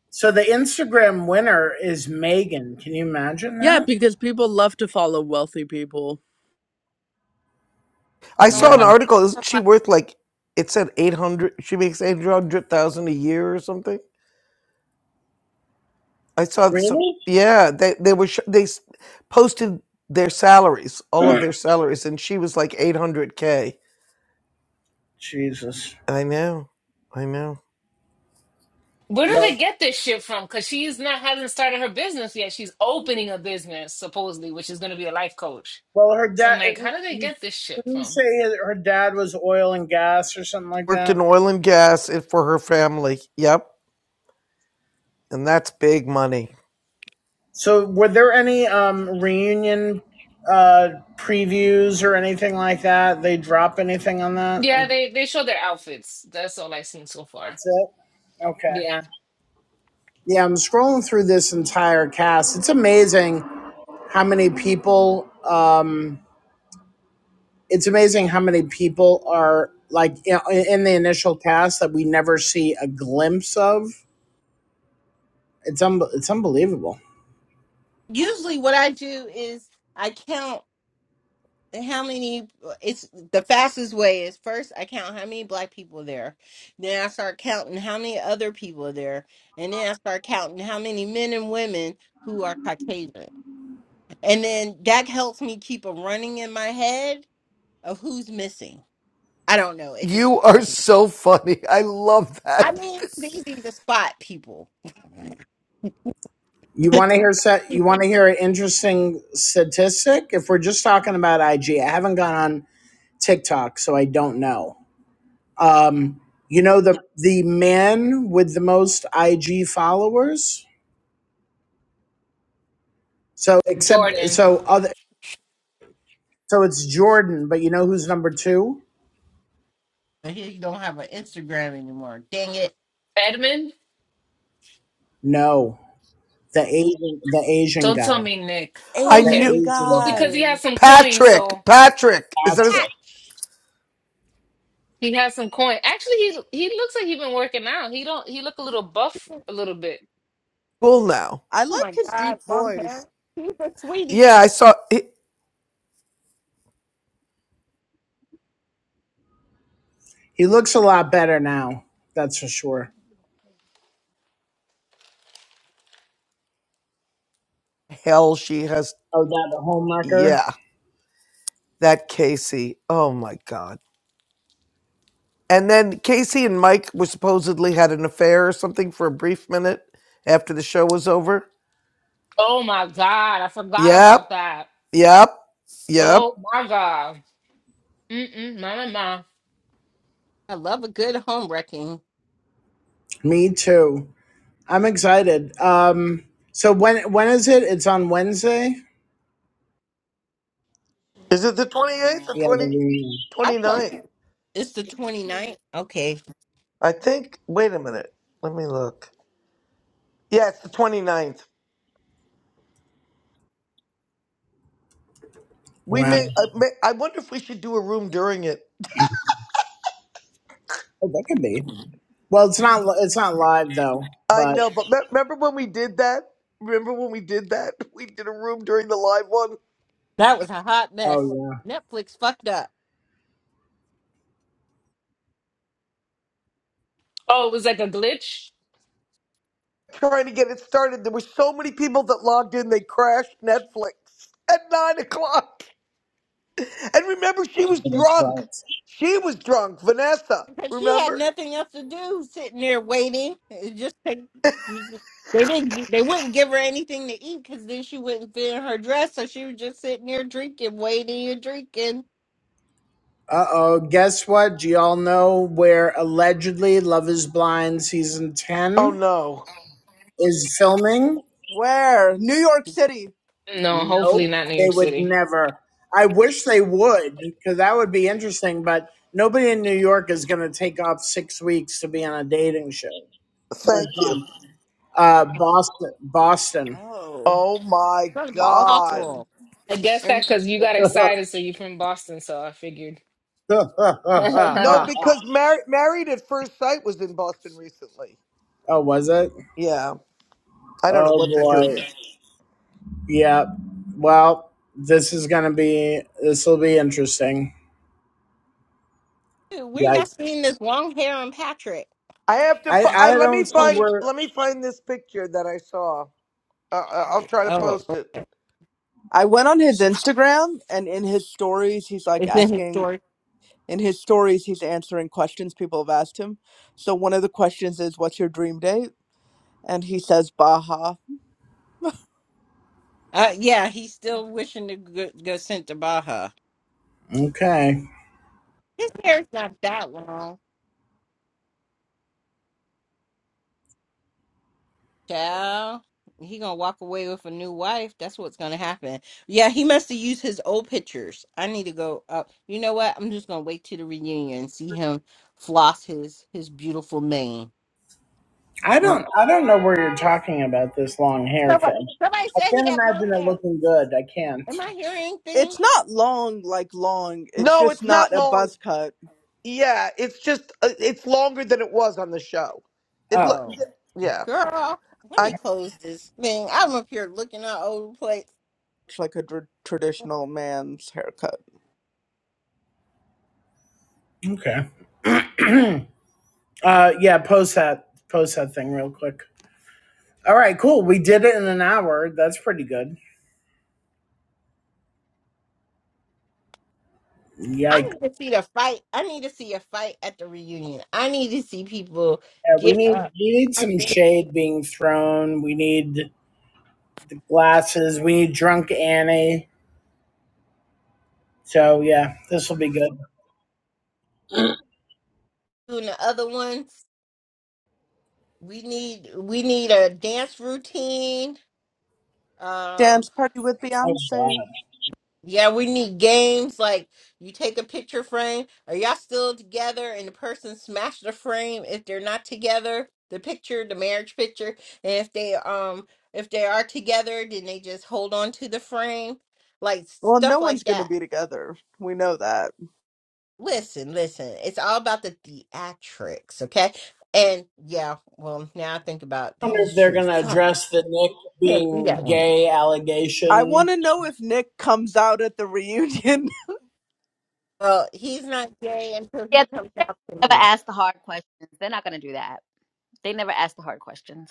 [SPEAKER 1] so the Instagram winner is Megan. Can you imagine
[SPEAKER 2] Yeah,
[SPEAKER 1] that?
[SPEAKER 2] because people love to follow wealthy people.
[SPEAKER 3] I
[SPEAKER 6] And
[SPEAKER 3] saw
[SPEAKER 1] Yeah.
[SPEAKER 6] what's
[SPEAKER 3] an
[SPEAKER 6] her?
[SPEAKER 3] article. Isn't she worth like, it said 800, she makes 800,000 a year or something? I saw some.
[SPEAKER 1] Really?
[SPEAKER 3] Yeah, they they were sh- they s- posted their salaries, all of
[SPEAKER 1] *clears throat*
[SPEAKER 3] their salaries, and she was like eight hundred k.
[SPEAKER 1] Jesus.
[SPEAKER 3] I know, I know.
[SPEAKER 5] Where do
[SPEAKER 1] Well,
[SPEAKER 5] they get this shit from? Because she's not hasn't started her business yet. She's opening a business supposedly, which is going to be a life coach.
[SPEAKER 1] well, her
[SPEAKER 5] So I'm
[SPEAKER 1] dad
[SPEAKER 5] like,
[SPEAKER 1] didn't
[SPEAKER 5] how do they
[SPEAKER 1] he
[SPEAKER 5] get this shit
[SPEAKER 1] didn't
[SPEAKER 5] from?
[SPEAKER 1] say her dad was oil and gas or something like
[SPEAKER 3] Worked
[SPEAKER 1] that.
[SPEAKER 3] in oil and gas it- for her family. Yep, and that's big money.
[SPEAKER 1] So, were there any um, reunion uh, previews or anything like that? They drop anything on that? Um,
[SPEAKER 5] Yeah, they they show their outfits. That's all I've seen so far.
[SPEAKER 1] That's it. Okay.
[SPEAKER 5] Yeah,
[SPEAKER 1] Yeah, I'm scrolling through this entire cast. It's amazing how many people. Um, it's amazing how many people are like in, in the initial cast that we never see a glimpse of. It's un- it's unbelievable.
[SPEAKER 4] Usually, what I do is I count how many. uh, It's the fastest way is first I count how many black people are there. Then I start counting how many other people are there, and then I start counting how many men and women who are Caucasian, and then that helps me keep a running in my head of who's missing. I don't know. It just
[SPEAKER 3] You are so funny. I love
[SPEAKER 4] I
[SPEAKER 3] that.
[SPEAKER 4] mean it's easy to spot people.
[SPEAKER 1] You want to hear set? You want to hear an interesting statistic? If we're just talking about IG, I haven't gone on TikTok, so I don't know. Um, you know the the man with the most IG followers. So except
[SPEAKER 5] Jordan
[SPEAKER 1] so other so it's Jordan, but you know who's number two?
[SPEAKER 4] But Here you don't have an Instagram anymore. Dang it.
[SPEAKER 5] Edmund.
[SPEAKER 1] No, the Asian the Asian
[SPEAKER 5] Don't
[SPEAKER 1] guy,
[SPEAKER 5] tell me Nick. Oh,
[SPEAKER 3] I
[SPEAKER 1] the
[SPEAKER 3] knew
[SPEAKER 5] okay.
[SPEAKER 2] Asian
[SPEAKER 1] Asian
[SPEAKER 5] Well, because
[SPEAKER 1] guy,
[SPEAKER 5] he
[SPEAKER 2] guy.
[SPEAKER 5] has some coins,
[SPEAKER 3] Patrick.
[SPEAKER 5] so
[SPEAKER 3] Patrick is that his
[SPEAKER 4] Ah!
[SPEAKER 1] Patrick.
[SPEAKER 5] he has some coin. Actually, he he looks like he's been working out. He don't. He look a little buff, a little bit.
[SPEAKER 3] school now?
[SPEAKER 2] I
[SPEAKER 4] Oh
[SPEAKER 2] like
[SPEAKER 4] my
[SPEAKER 2] his
[SPEAKER 4] God,
[SPEAKER 2] deep
[SPEAKER 4] long hair.
[SPEAKER 2] voice.
[SPEAKER 4] He's a sweetie.
[SPEAKER 3] Yeah, I saw. It.
[SPEAKER 1] He looks a lot better now. That's for sure.
[SPEAKER 3] Hell, she has.
[SPEAKER 1] Oh, that the homewrecker.
[SPEAKER 3] Yeah, that Casey. Oh my god. And then Casey and Mike were supposedly had an affair or something for a brief minute after the show was over.
[SPEAKER 5] Oh my god, I forgot
[SPEAKER 3] Yep,
[SPEAKER 5] about that.
[SPEAKER 3] yep, yep.
[SPEAKER 5] Oh my God. Mm-mm, my, my, my.
[SPEAKER 4] I love a good home wrecking.
[SPEAKER 1] Me too. I'm excited. Um, so when when is it? It's on Wednesday.
[SPEAKER 3] Is it the 28th or
[SPEAKER 1] Yeah, the
[SPEAKER 3] twenty
[SPEAKER 1] reunion.
[SPEAKER 4] I
[SPEAKER 3] twenty
[SPEAKER 4] thought
[SPEAKER 3] ninth?
[SPEAKER 4] it's the 29th. Okay,
[SPEAKER 3] I think. Wait a minute. Let me look. Yeah, it's the twenty ninth. We
[SPEAKER 1] Wow,
[SPEAKER 3] may, I, may, I wonder if we should do a room during it.
[SPEAKER 1] oh, that could be. Well, it's not. It's not live though.
[SPEAKER 3] I
[SPEAKER 1] But
[SPEAKER 3] know, but me- remember when we did that? Remember when we did that? *laughs* We did a room during the live one
[SPEAKER 4] that was a hot
[SPEAKER 1] oh
[SPEAKER 4] mess.
[SPEAKER 1] yeah,
[SPEAKER 4] Netflix fucked up
[SPEAKER 5] Oh, it was like a glitch?
[SPEAKER 3] trying to get it started. There were so many people that logged in, they crashed Netflix at 9 o'clock. And remember, she was
[SPEAKER 1] that's right.
[SPEAKER 3] drunk. She was drunk, Vanessa.
[SPEAKER 4] because she had
[SPEAKER 3] Remember?
[SPEAKER 4] nothing else to do, sitting there waiting. It just take- you just- they didn't they wouldn't give her anything to eat because then she wouldn't fit in her dress, so she was just sitting there drinking, waiting and drinking. It's
[SPEAKER 1] Uh oh, guess what? Do y'all know where allegedly Love is Blind season
[SPEAKER 3] Oh
[SPEAKER 1] 10
[SPEAKER 3] no.
[SPEAKER 1] is filming?
[SPEAKER 2] Where? New York City.
[SPEAKER 5] No,
[SPEAKER 1] Nope,
[SPEAKER 5] hopefully not New
[SPEAKER 1] they
[SPEAKER 5] York
[SPEAKER 1] would
[SPEAKER 5] City.
[SPEAKER 1] never. I wish they would, because that would be interesting, but nobody in New York is going to take off six weeks to be on a dating show.
[SPEAKER 3] Thank you.
[SPEAKER 1] Uh, Boston. Boston.
[SPEAKER 2] Oh.
[SPEAKER 3] Oh my
[SPEAKER 4] gonna be
[SPEAKER 3] God.
[SPEAKER 2] Boston.
[SPEAKER 4] awful.
[SPEAKER 5] I guess that because you got
[SPEAKER 2] Interesting.
[SPEAKER 1] *laughs*
[SPEAKER 5] excited, so you're from Boston, so I figured.
[SPEAKER 1] oh,
[SPEAKER 5] *laughs*
[SPEAKER 3] No, because Mar- Married at First Sight was in Boston recently.
[SPEAKER 1] was it?
[SPEAKER 3] Yeah, I don't know
[SPEAKER 1] Oh
[SPEAKER 3] what they're
[SPEAKER 1] boy.
[SPEAKER 3] doing.
[SPEAKER 1] Yeah. Well, this is going to be, this will be interesting.
[SPEAKER 4] Dude, where
[SPEAKER 1] Yeah.
[SPEAKER 4] y'all seeing this long hair on Patrick?
[SPEAKER 3] I have to.
[SPEAKER 1] I
[SPEAKER 3] Fi-
[SPEAKER 4] Is
[SPEAKER 3] I,
[SPEAKER 1] I
[SPEAKER 4] it
[SPEAKER 3] let
[SPEAKER 4] his
[SPEAKER 3] me
[SPEAKER 1] don't see
[SPEAKER 3] find.
[SPEAKER 4] story?
[SPEAKER 1] where.
[SPEAKER 3] Let me find this picture that I saw. Uh, uh, I'll try to
[SPEAKER 4] Oh,
[SPEAKER 3] post it.
[SPEAKER 2] I went on his Instagram and in his stories he's like
[SPEAKER 4] is it his
[SPEAKER 2] asking
[SPEAKER 4] story?
[SPEAKER 2] in his stories he's answering questions people have asked him. So one of the questions is what's your dream date? And he says Baja
[SPEAKER 4] Uh, yeah, he's
[SPEAKER 2] Mm.
[SPEAKER 4] still wishing to go, go sent to Baja.
[SPEAKER 1] Okay.
[SPEAKER 4] His hair's not that long, child. He gonna walk away with a new wife. That's what's gonna happen. Yeah, he must have used his old pictures. I need to go up. You know what? I'm just gonna wait till the reunion and see him floss his his beautiful mane.
[SPEAKER 1] I
[SPEAKER 4] And-
[SPEAKER 1] don't I don't know where you're talking about this long hair
[SPEAKER 4] Somebody,
[SPEAKER 1] thing.
[SPEAKER 4] somebody
[SPEAKER 1] I
[SPEAKER 4] said he
[SPEAKER 1] can't
[SPEAKER 4] had long
[SPEAKER 1] imagine it
[SPEAKER 4] hair.
[SPEAKER 1] looking good. I can't.
[SPEAKER 4] Am I hearing things?
[SPEAKER 2] It's not long, like long. It's
[SPEAKER 3] No,
[SPEAKER 2] just
[SPEAKER 3] it's
[SPEAKER 2] not
[SPEAKER 3] not
[SPEAKER 2] a
[SPEAKER 3] long.
[SPEAKER 2] buzz cut.
[SPEAKER 3] Yeah, it's just uh, it's longer than it was on the show. It
[SPEAKER 1] Oh.
[SPEAKER 3] look.
[SPEAKER 4] Oh,
[SPEAKER 3] Yeah,
[SPEAKER 4] girl, let
[SPEAKER 3] I.
[SPEAKER 4] me close this thing. I'm up here looking at old place.
[SPEAKER 2] It's like a tr- traditional man's haircut.
[SPEAKER 1] Okay. *clears throat* uh yeah. Post that post that thing real quick. All right. Cool. We did it in an hour. That's pretty good.
[SPEAKER 4] I
[SPEAKER 1] Yikes.
[SPEAKER 4] need to see the fight. I need to see a fight at the reunion. I need to see people
[SPEAKER 1] Yeah, we
[SPEAKER 4] get
[SPEAKER 1] need
[SPEAKER 4] up
[SPEAKER 1] we need
[SPEAKER 4] out
[SPEAKER 1] some
[SPEAKER 4] there
[SPEAKER 1] shade being thrown. We need the glasses. We need drunk Annie. So yeah, this will be good. *clears throat*
[SPEAKER 4] doing the other ones. We need we need a dance routine. Um
[SPEAKER 2] Dance party with
[SPEAKER 1] Oh, wow.
[SPEAKER 2] Beyonce.
[SPEAKER 4] yeah, we need games like you take a picture frame. Are y'all still together and the person smashed the frame if they're not together? The picture, the marriage picture. And if they um if they are together, then they just hold on to the frame. Like
[SPEAKER 2] Well, no
[SPEAKER 4] stuff
[SPEAKER 2] one's
[SPEAKER 4] like
[SPEAKER 2] gonna
[SPEAKER 4] that.
[SPEAKER 2] be together. We know that.
[SPEAKER 4] Listen, listen. It's all about the theatrics, okay? And yeah, well, now I think about
[SPEAKER 1] I
[SPEAKER 4] that
[SPEAKER 1] wonder
[SPEAKER 4] is
[SPEAKER 1] if they're
[SPEAKER 4] true.
[SPEAKER 1] going to
[SPEAKER 4] Fuck,
[SPEAKER 1] address the Nick
[SPEAKER 4] can't do
[SPEAKER 1] being
[SPEAKER 4] that one.
[SPEAKER 1] gay
[SPEAKER 2] I want
[SPEAKER 1] allegation.
[SPEAKER 2] to know if Nick comes out at the reunion.
[SPEAKER 4] Well, he's not gay until he
[SPEAKER 6] Yeah,
[SPEAKER 4] comes
[SPEAKER 6] they
[SPEAKER 4] out to
[SPEAKER 6] never
[SPEAKER 4] me.
[SPEAKER 6] asked the hard questions. They're not gonna do that. They never asked the hard questions.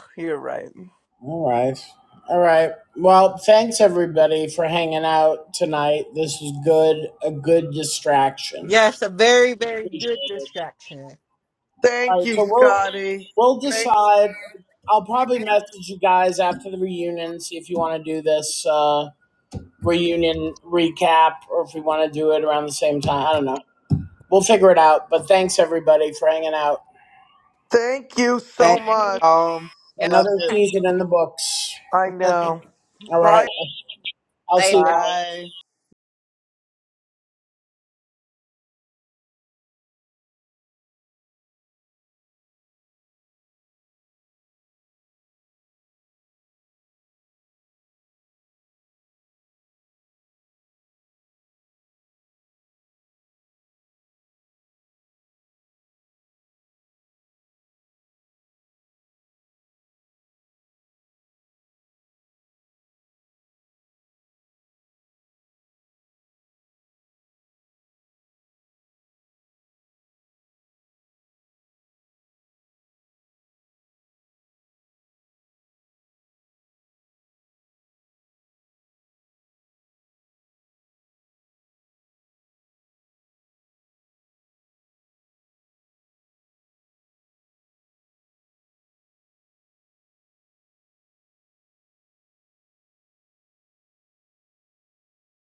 [SPEAKER 2] *laughs* You're right.
[SPEAKER 1] All right. All right. Well, thanks everybody for hanging out tonight. This was good, a good distraction.
[SPEAKER 4] Yes, a very, very good distraction.
[SPEAKER 1] All
[SPEAKER 3] Thank
[SPEAKER 1] right,
[SPEAKER 3] you,
[SPEAKER 1] so we'll
[SPEAKER 3] Scotty.
[SPEAKER 1] we'll
[SPEAKER 3] Thank,
[SPEAKER 1] decide. I'll probably message you guys after the reunion, and see if you want to do this uh, reunion recap or if we want to do it around the same time. I don't know. We'll figure it out. But thanks everybody for hanging out.
[SPEAKER 3] thank you so
[SPEAKER 4] Thank
[SPEAKER 2] Thanks.
[SPEAKER 4] you.
[SPEAKER 3] much.
[SPEAKER 2] all.
[SPEAKER 4] Yes,
[SPEAKER 1] Another
[SPEAKER 2] loved
[SPEAKER 4] I can
[SPEAKER 1] season in
[SPEAKER 4] do
[SPEAKER 1] the
[SPEAKER 4] it
[SPEAKER 1] books.
[SPEAKER 3] I
[SPEAKER 2] it.
[SPEAKER 3] know.
[SPEAKER 1] All
[SPEAKER 3] Bye.
[SPEAKER 1] right. I'll
[SPEAKER 2] *laughs*
[SPEAKER 1] see
[SPEAKER 4] later.
[SPEAKER 1] why.
[SPEAKER 2] Bye.